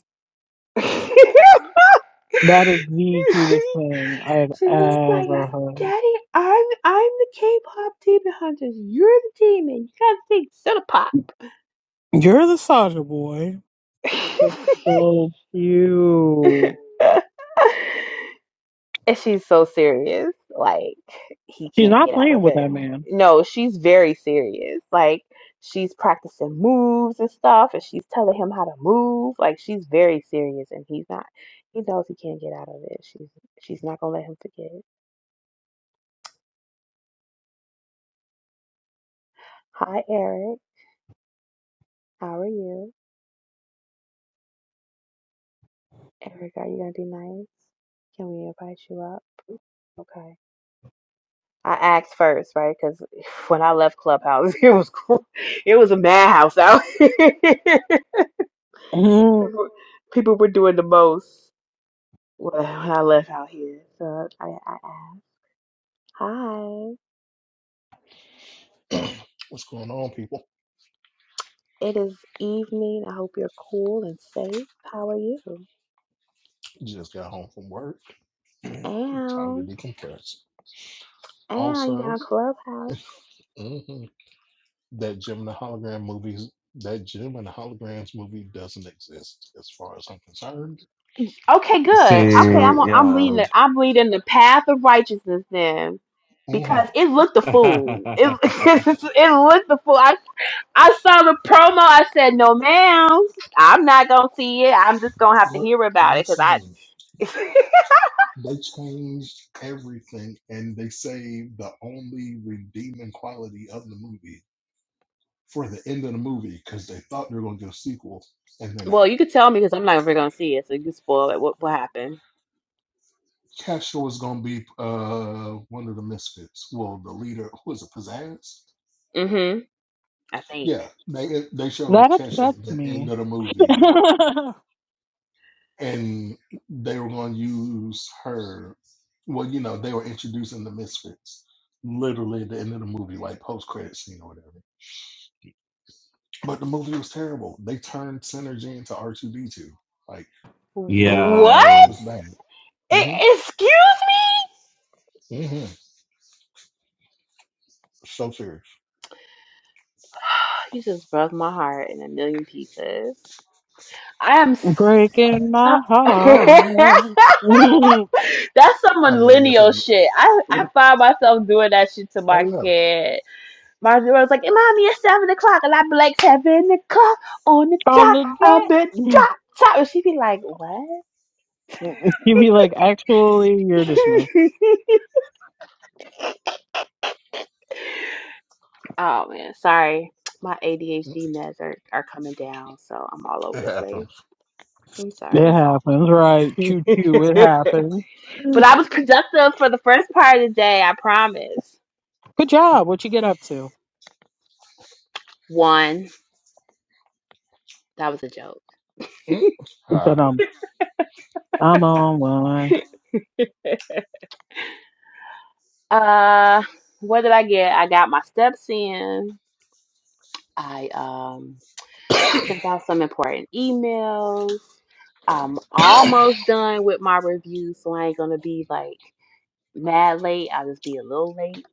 E: That is the cutest thing I've
A: She was like,
E: ever
A: "I-
E: heard.
A: Daddy, I'm I'm the K-pop demon hunters. You're the demon. You gotta think
E: You're the Soldier Boy. That's so cute.
A: Cinepop. and she's so serious. Like he
E: She's
A: can't
E: not
A: get out
E: playing
A: of
E: with
A: it.
E: that man.
A: No, she's very serious. Like she's practicing moves and stuff, and she's telling him how to move. Like she's very serious, and he's not. He knows he can't get out of it. She's she's not gonna let him forget. Hi, Eric. How are you? Erica, are you gonna do nice? Can we invite you up? Okay. I asked first, right? Because when I left Clubhouse, it was cool. It was a madhouse out here.
E: Mhm.
A: People people were doing the most when when I left out here. So I, I asked. Hi.
F: What's going on, people?
A: It is evening. I hope you're cool and safe. How are you?
F: Just got home from work. Time to
A: And
F: decompress.
A: and you
F: Also,
A: down Clubhouse?
F: mhm, that Jim and the Hologram movies, that Jim and the Holograms movie doesn't exist as far as I'm concerned.
A: Okay, good.
F: It's
A: Okay, I'm
C: See,
F: terrible.
A: I'm leading
C: yeah,
A: the I'm leading the path of righteousness then,
F: Mhm.
A: because it looked a fool. It it looked the fool. I I saw the promo. I said, no, ma'am, I'm not gonna see it. I'm just gonna have to
F: What?
A: hear about it because I.
F: Listen, they changed everything and they saved the only redeeming quality of the movie for the end of the movie because they thought they were going to do a sequel and they're not.
A: well, you could tell me because I'm not ever gonna see it, so you can spoil it. What what happened?
F: Castro was gonna be uh one of the misfits. Well, the leader who was it Pizzazz?
A: Mm-hmm. I think.
F: Yeah, they they
E: that
F: showed Kesha
E: upsets
F: at the end
E: me.
F: of the movie, and they were gonna use her. Well, you know, they were introducing the misfits literally at the end of the movie, like post credit scene or whatever. But the movie was terrible. They turned Synergy into R two D two. Like
C: yeah.
F: it
A: What?
F: was bad. hmm
A: E- excuse me.
F: hmm So serious.
A: You just broke my heart in a million pieces. I am. So-
E: Breaking my heart.
A: That's some
F: I mean, if it,
A: millennial shit. I, I find myself doing that shit to
F: oh
A: my
F: yeah,
A: kid. My was like, "Hey, "Mommy, it's seven o'clock," and i be like, seven o'clock on the
E: on
A: dot.
E: the
A: I've
E: dot.
A: been drop top," and she'd be like, "What?"
E: You'd be like, actually, you're dismissed.
A: oh man, sorry. My ADHD meds are, are coming down, so I'm all
F: it
A: over the place.
F: happens.
A: I'm
E: It
A: sorry.
E: happens, right? Choo choo, it happens.
A: but I was productive for the first part of the day. I promise.
E: Good job. What you get up to?
A: One, that was a joke.
F: Mm. uh,
E: But um, I'm on one.
A: Uh, what did I get? I got my steps in. I um sent out some important emails. I'm almost done with my review, so I ain't gonna be like mad late. I'll just be a little late.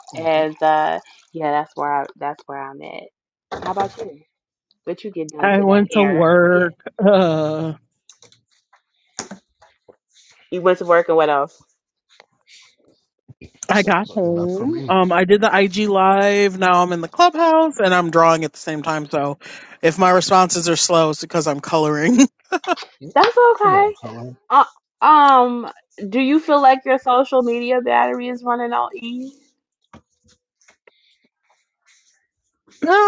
A: and uh yeah, that's where I that's where I'm at. How about you? What you get done
E: I
A: today,
E: went to
A: Eric? Yeah.
E: work. Uh,
A: You went to work and what else?
E: I
F: Sounds
E: got
F: like enough for
E: home.
F: me.
E: Um, I did the IG live. Now I'm in the clubhouse and I'm drawing at the same time. So, if my responses are slow, it's because I'm coloring. no,
F: Yeah.
A: That's
F: Come
A: okay.
F: on, color.
A: Uh, um, do you feel like your social media battery is running out, E?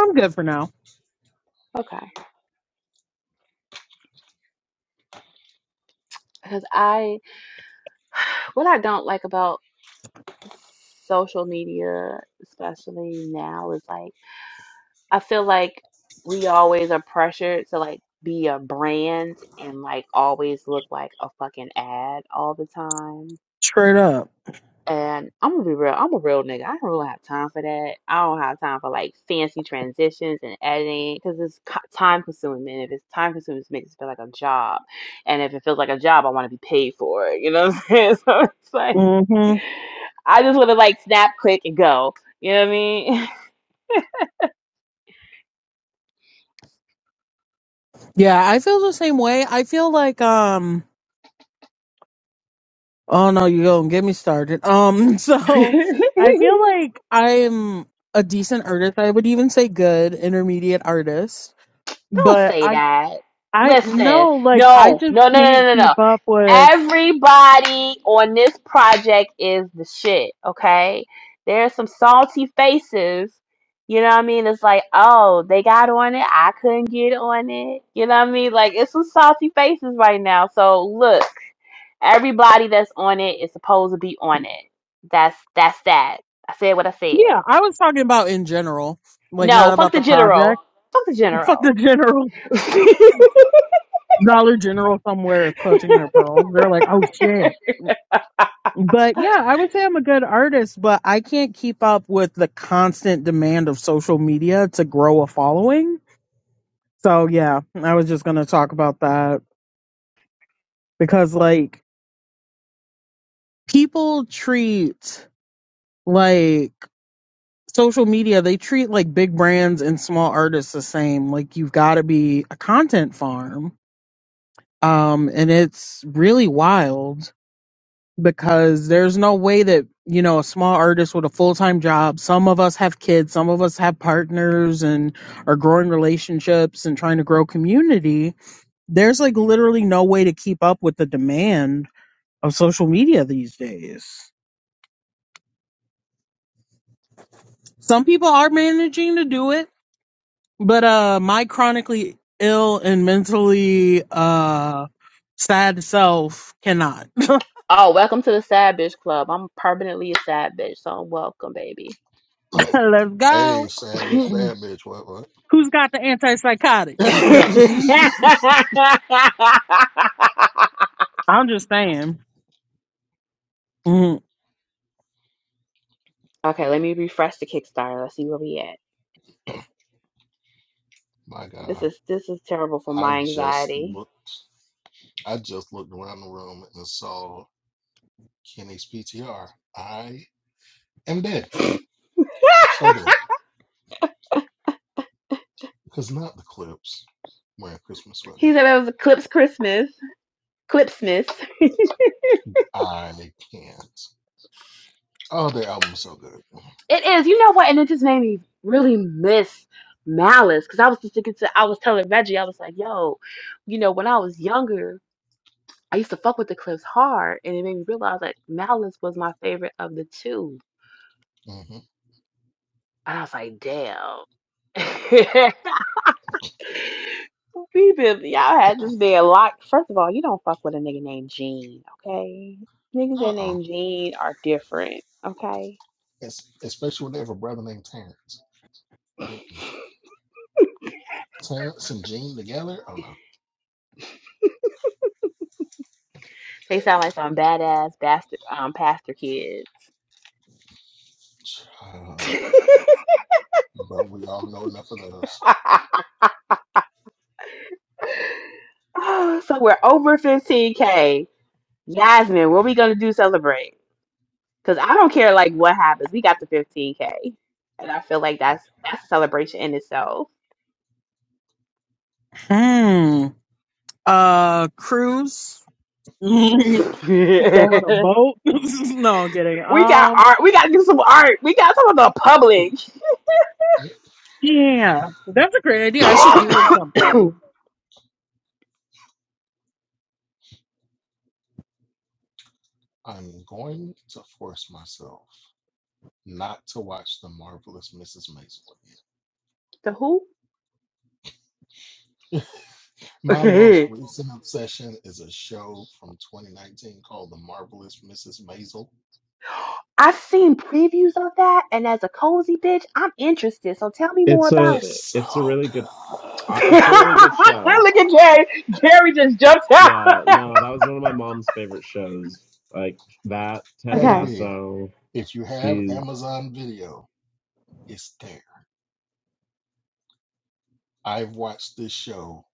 E: I'm good for now.
A: Okay. Because I, what I don't like about social media, especially now, is like, I feel like we always are pressured to like be a brand and like always look like a fucking ad all the time.
E: Straight up.
A: And I'm gonna be real. I'm a real nigga. I don't really have time for that. I don't have time for like fancy transitions and editing because it's co- time consuming. And if it's time consuming, it makes it feel like a job. And if it feels like a job, I want to be paid for it. You know what I'm saying? So it's like
E: hmm
A: I just want to like snap, click, and go. You know what I
E: Yeah, I feel the same way. I feel like um. Oh no, you don't get me started. Um, so I
A: mean?
E: feel like I'm a decent artist. I would even say good intermediate artist,
A: Don't
E: but
A: say
E: I
A: that.
E: I
A: Listen,
E: know like I
A: no,
E: just
A: no, no, no, no,
E: can't
A: no,
E: keep
A: no.
E: up with.
A: Everybody on this project is the shit, okay? There's some salty faces. You know what I mean? It's like, oh, they got on it. I couldn't get on it. You know what I mean? Like, it's some salty faces right now. So look, everybody that's on it is supposed to be on it. That's that's that. I said what I said.
E: Yeah, I was talking about in general, like
A: No,
E: not
A: fuck
E: about the
A: the
E: project,
A: general. Fuck the
E: Fuck the
A: general.
E: general Dollar General somewhere is clutching their pearls. They're like, oh shit. But yeah, I would say I'm a good artist, but I can't keep up with the constant demand of social media to grow a following So yeah, I was just gonna talk about that because like people treat like social media, they treat like big brands and small artists the same. Like you've got to be a content farm. Um, and it's really wild because there's no way that, you know, a small artist with a full-time job, some of us have kids, some of us have partners and are growing relationships and trying to grow community. There's like literally no way to keep up with the demand of social media these days. Some people are managing to do it, but uh my chronically ill and mentally uh sad self cannot.
A: Oh, welcome to the Sad Bitch Club. I'm permanently a sad bitch, so I'm welcome, baby.
E: Let's
F: hey,
E: go.
F: sad bitch,
A: okay,
E: Who's
F: bad bitch. What? What?
E: got the antipsychotics? Let's go. I'm just saying. hmm
A: let me refresh the Kickstarter. Let's see where we at.
F: My
A: This
F: God,
A: is this is terrible for
F: I
A: my
F: just
A: anxiety.
F: looked. I just looked around the room and saw Kenny's PTR. I am dead. So dead. Because not the clips wearing Christmas
A: He said
F: sweaters.
A: it was Clips Christmas. Clipsmas. It
F: I can't. Oh, their album is so good.
A: is. You know what? And it just made me really miss Malice because I was just thinking to. I was telling Reggie. I was like, "Yo, you know, when I was younger." I used to fuck with the Clips hard, and it made me realize that Malice was my favorite of the two.
F: hmm
A: And I was like, damn. we been, y'all had this man locked. First of all, you don't fuck with a nigga named Gene, okay? Niggas that
F: Uh-uh.
A: name Gene are different, okay?
F: Es- especially when they have a brother named Terrence. Terrence and Gene together? Oh no.
A: They sound like some badass bastard, um, pastor kids.
F: Uh, but we all know enough of those.
A: so we're over 15K. Yasmin, what are we going to do to celebrate? Because I don't care like what happens. We got the 15K. And I feel like that's
F: Okay.
A: that's a celebration in itself.
E: Uh cruise. go on a boat. no, I'm kidding.
A: We got
E: Um
A: art. We got to do some art. We got some of the public.
E: yeah. That's a great idea. I should do something.
F: I'm going to force myself not to watch the marvelous Mrs. Maisel
A: The who?
F: again. My most recent obsession is a show from 2019 called The Marvelous Mrs. Maisel.
A: I've seen previews of that, and as a cozy bitch, I'm interested. So tell me more
C: It's a
A: about it.
F: It's
C: it's a
F: so
C: really good
F: good.
C: uh, it's a really good show.
A: Look at Jerry. Jerry just jumped out.
C: Yeah, no, that was one of my mom's favorite shows. Like that Ted
A: Okay.
F: Baby,
C: Lasso.
F: if you have
C: She's
F: Amazon Video, it's there. I've watched this show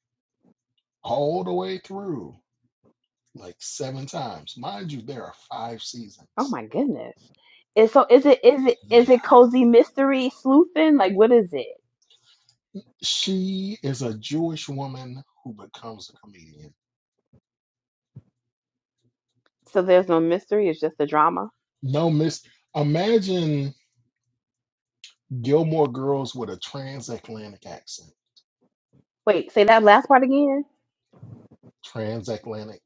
F: all the way through. like seven times. Mind you, there are five
A: Oh
F: seasons.
A: my goodness. And so is it is it is
F: Yeah.
A: it cozy mystery sleuthing? Like what is it?
F: She is a Jewish woman who becomes a comedian.
A: So there's no mystery. It's just a drama.
F: No miss. Imagine Gilmore Girls with a transatlantic accent.
A: Wait, say that last part again.
F: Transatlantic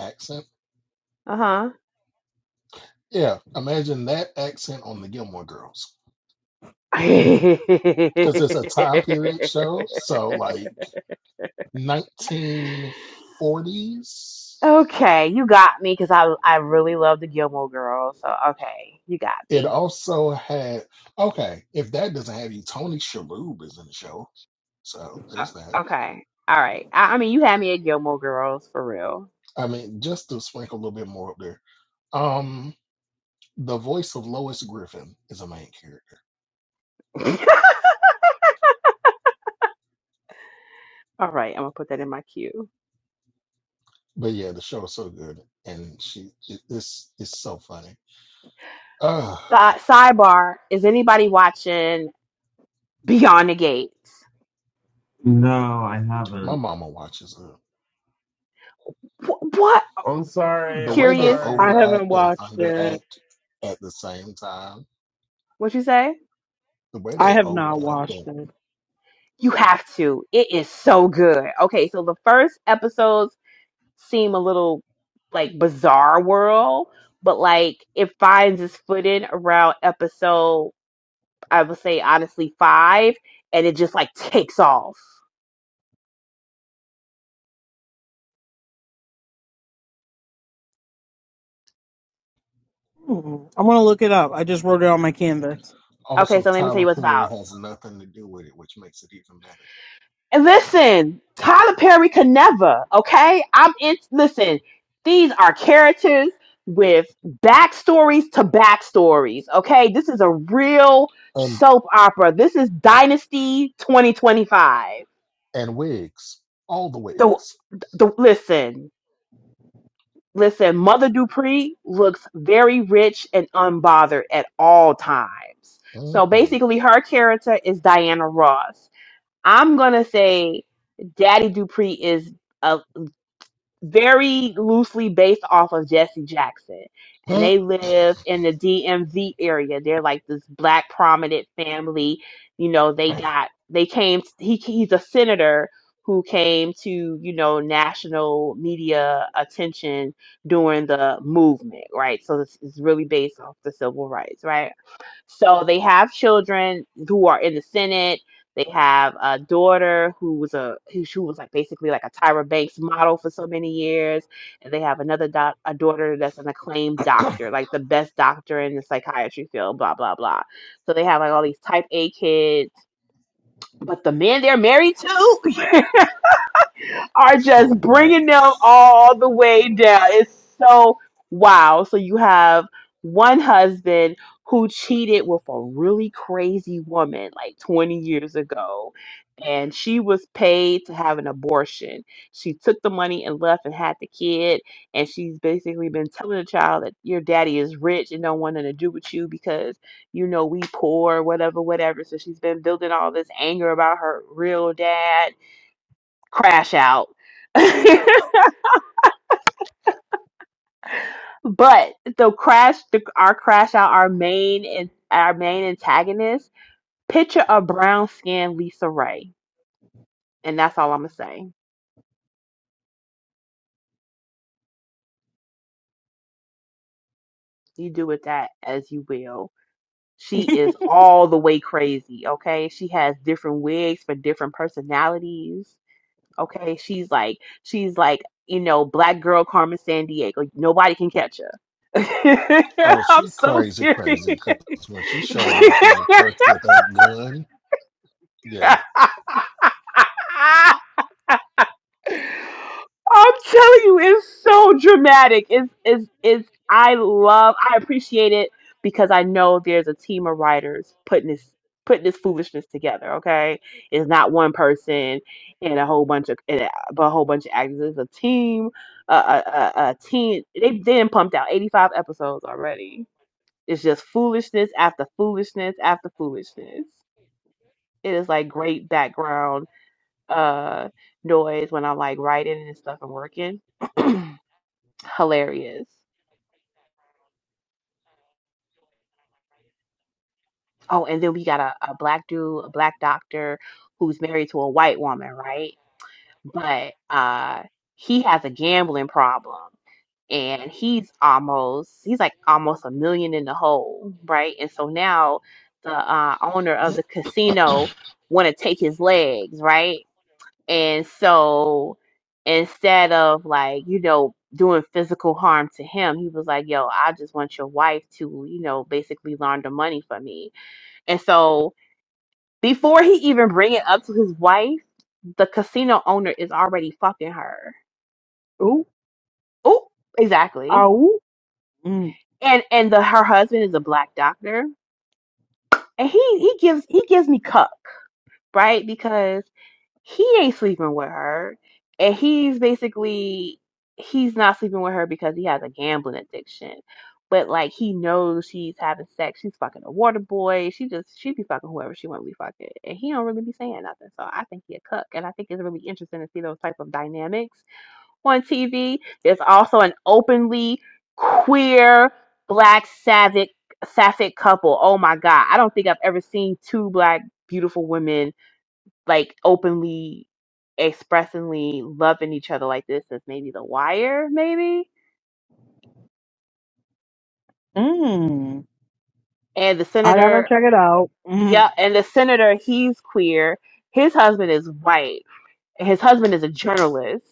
F: accent.
A: Uh-huh.
F: Yeah. Imagine that accent on the Gilmore Girls. Because it's a time period show. So, like 1940s.
A: Okay, you got me because I I really love the Gilmore Girls. So okay, you got
F: It
A: me.
F: also had, okay, if that doesn't have you, Tony Shalhoub is in the show So there's that.
A: O- Okay, all right. I, I mean, you had me at Gilmore Girls for real.
F: I mean, just to sprinkle a little bit more up there. Um, the voice of Lois Griffin is a main character.
A: All right, I'm gonna put that in my queue.
F: But yeah, the show is so good, and she it, it's it's so funny. Uh
A: Si- sidebar: Is anybody watching Beyond the Gates?
C: no, I
F: my
C: haven't.
F: mama watches it.
A: Wh- what?
C: I'm sorry.
F: The
C: I'm
F: way they
A: Curious?
E: I
C: sorry.
E: haven't
F: overact and
E: watched it.
F: underact at the same time.
A: What you say?
F: The way
E: I
F: they
E: have not
F: overact
E: watched
F: and
E: it.
A: You have to. It is so good. Okay, so the first episodes. seem a little like bizarre world, but like it finds its footing around episode, I would say honestly five, and it just like takes off.
E: Hmm. I'm gonna look it up. I just wrote it on my canvas.
A: Okay,
F: Also,
A: so let me tell
F: Tyler
A: you what's
F: Perry
A: about.
F: has nothing to do with it, which makes it even better.
A: And listen, Tyler Perry could never, okay? I'm in listen, these are characters with backstories to backstories, okay? This is a real
F: And
A: soap opera. This is Dynasty 2025.
F: and wigs, all the
A: The
F: wigs.
A: the listen. Listen, Mother Dupree looks very rich and unbothered at all times. So
F: Mm-hmm.
A: basically, her character is Diana Ross. I'm going to say Daddy Dupree is very loosely based off of Jesse Jackson. And
F: Huh?
A: they live in the DMV area. They're like this black prominent family. You know, they got they came he he's a senator who came to, you know, national media attention during the movement, right? So this is really based off the civil rights, right? So they have children who are in the Senate. They have a daughter who was a who she was like basically like a Tyra Banks model for so many years, and they have another doc, a daughter that's an acclaimed doctor, like the best doctor in the psychiatry field. Blah blah blah. So they have like all these Type A kids, but the men they're married to are just bringing them
F: Trash.
A: all the way down. It's so wow. So you have one husband who cheated with a really crazy woman like 20 years ago. And she was paid to have an abortion. She took the money and left and had the kid. And she's basically been telling the child that your daddy is rich and don't want nothing to do with you because, you know, we poor, whatever, whatever. So she's been building all this anger about her real dad crash out. but the crash, the, our crash out, our main and our main antagonist, picture a brown skinned Lisa Ray, and that's all I'm gonna say. You do with that as you will. She is all the way crazy. Okay, she has different wigs for different personalities. Okay, she's like she's like you know black girl Carmen San Diego. Nobody can catch her.
F: Oh,
A: I'm
F: she
A: so
F: crazy,
A: serious.
F: crazy. Because when she showed up in the church with that gun,
A: I'm
F: yeah,
A: telling you, it's so dramatic. It's it's it's I love I appreciate it because I know there's a team of writers putting this putting this foolishness together, okay? It's not one person and a whole bunch of and a, but a whole bunch of actors. It's a team, a, a, a, a team. They've then pumped out 85 episodes already. It's just foolishness after foolishness after foolishness. It is like great background uh noise when I'm like writing and stuff and working. Hilarious. Oh, and then we got a, a black dude, a black doctor who's married to a white woman, right? But uh he has a gambling problem and he's almost he's like almost a million in the hole, right? And so now the uh owner of the casino want to take his legs, right? And so instead of like, you know, doing physical harm to him, he was like, yo, I just want your wife to, you know, basically launder money for me. And so before he even bring it up to his wife, the casino owner is already fucking her.
E: Ooh,
A: Oh, exactly.
E: ow. Mm,
A: And and the her husband is a black doctor. And he he gives he gives me cuck, right? Because he ain't sleeping with her and he's basically he's not sleeping with her because he has a gambling addiction but like he knows she's having sex she's fucking a water boy she just she be fucking whoever she want to be fucking and he don't really be saying nothing so i think he a cook and i think it's really interesting to see those type of dynamics on tv there's also an openly queer black sapphic sapphic couple oh my god i don't think i've ever seen two black beautiful women like openly expressingly loving each other like this since maybe the wire maybe
E: mm.
A: and the
E: I gotta
A: senator
E: check it out. Mm.
A: yeah and the senator he's queer his husband is white his husband is a journalist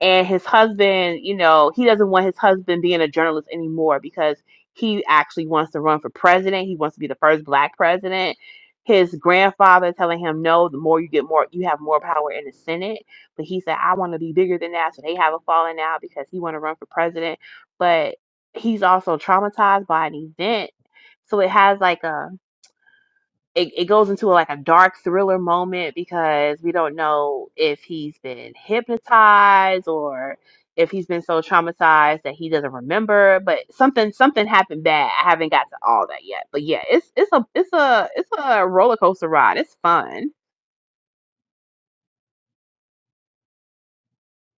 A: and his husband you know he doesn't want his husband being a journalist anymore because he actually wants to run for president he wants to be the first black president his grandfather telling him no the more you get more you have more power in the senate but he said i want to be bigger than that so they have a falling out because he want to run for president but he's also traumatized by an event so it has like a it, it goes into like a dark thriller moment because we don't know if he's been hypnotized or if he's been so traumatized that he doesn't remember but something something happened bad i haven't got to all that yet but yeah it's it's a it's a it's a roller coaster ride it's fun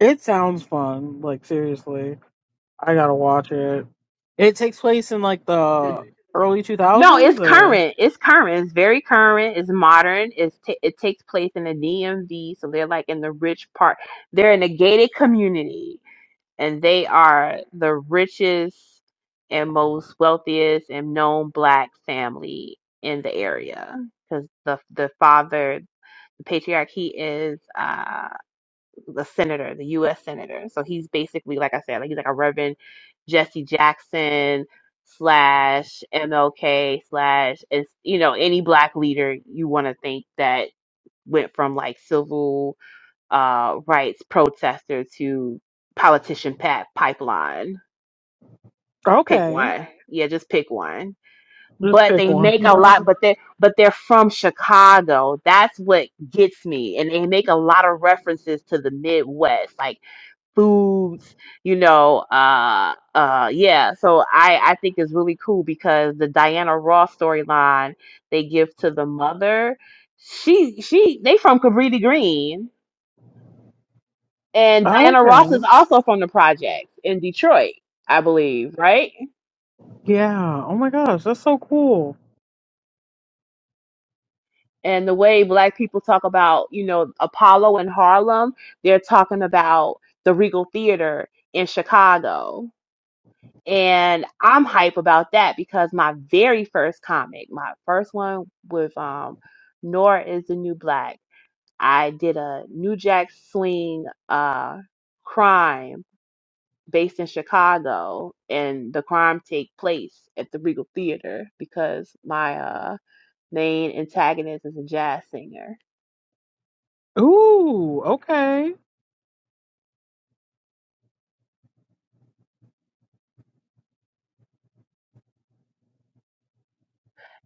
E: It sounds fun. Like seriously, I gotta watch it. It takes place in like
A: The-
E: the early
A: no
E: 2000s,
A: it's
E: or
A: current it's current it's very current it's modern it's ta it takes place in the dmv so they're like in the rich part they're in a gated community and they are the richest and most wealthiest and known black family in the area because the the father the patriarch he is uh the senator the u.s senator so he's basically like i said like he's like a reverend jesse jackson slash mlk slash it's you know any black leader you want to think that went from like civil uh rights protester to politician pat pipeline pick
E: okay,
A: one. Yeah, just pick one.
E: just
A: But
E: pick
A: they
E: one.
A: make a lot, but they but they're from Chicago. That's what gets me. And they make a lot of references to the Midwest, like foods, you know, uh uh yeah. So I I think it's really cool because the Diana Ross storyline they give to the mother, she she they from Cabrini Green. And Diana
E: okay,
A: Ross is also from the project in Detroit, I believe, right?
E: yeah. Oh my gosh, that's so cool.
A: and the way black people talk about you know apollo in harlem they're talking about the regal theater in chicago and i'm hype about that because my very first comic my first one with um nora is the new black i did a new jack swing uh crime based in chicago and the crime take place at the regal theater because my uh main antagonist is a jazz singer
E: Ooh, okay,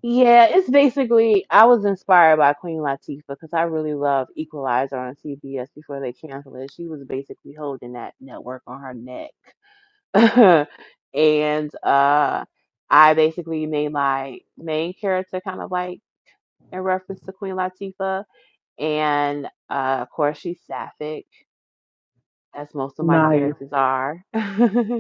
A: Yeah, it's basically I was inspired by Queen Latifah because I really love Equalizer on CBS before they canceled it. She was basically holding that network on her neck. And uh I basically made my main character kind of like in reference to Queen Latifah. And uh of course she's sapphic, as most of my
E: nice.
A: characters are.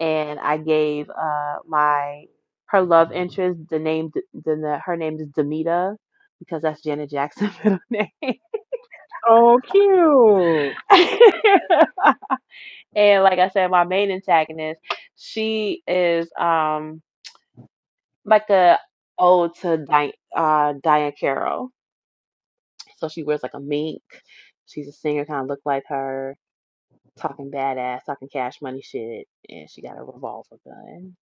A: and I gave uh my her love interest the name the, the her name is Demita because that's Janet Jackson's middle name.
E: Oh, cute.
A: and like I said, my main antagonist, she is um like a ode to Di- uh, Diane Carroll. So she wears like a mink. She's a singer, kind of look like her. talking badass, talking cash money shit, and she got a revolver gun.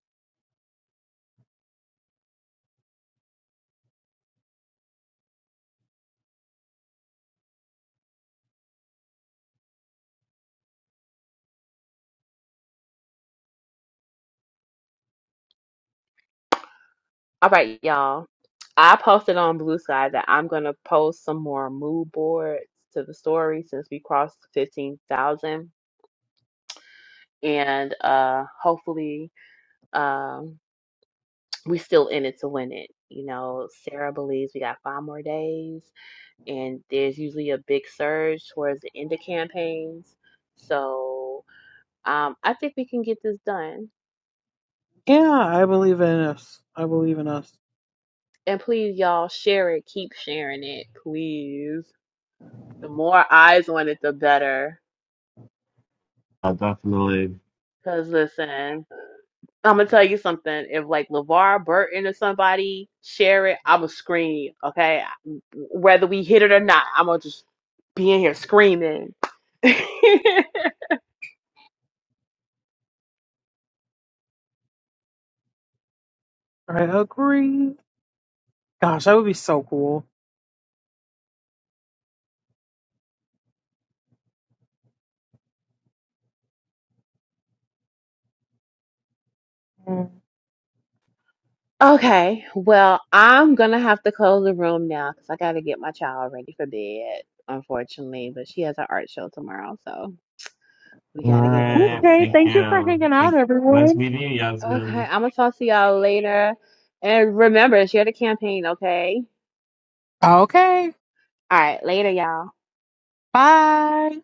A: All right, y'all. I posted on Blue Sky that I'm gonna post some more mood boards to the story since we crossed fifteen thousand, and uh, hopefully, um, we still in it to win it. You know, Sarah believes we got five more days. and there's usually a big surge towards the end of campaigns. So um, I think we can get this done.
E: Yeah, I believe in us. I believe in us.
A: And please, y'all, share it. Keep sharing it, please. The more eyes on it, the better.
C: Uh, definitely.
A: Cause listen, I'm gonna tell you something. If like LeVar Burton or somebody share it, I'ma scream. Okay, whether we hit it or not, I'm gonna just be in here screaming.
E: I agree. Gosh, that would be so cool.
A: Okay, well, I'm gonna have to close the room now because I gotta get my child ready for bed, unfortunately. But she has an art show tomorrow, so we gotta get ready for
C: Alright,
E: Okay,
C: thank
E: thank
A: bed.
E: you for
C: you.
E: hanging out,
C: Thank, nice
E: everyone.
C: meeting you,
A: Okay,
C: Yasmin.
A: I'm gonna talk to y'all later. And remember, share the campaign, okay?
E: Okay,
A: All right, later, y'all.
E: bye.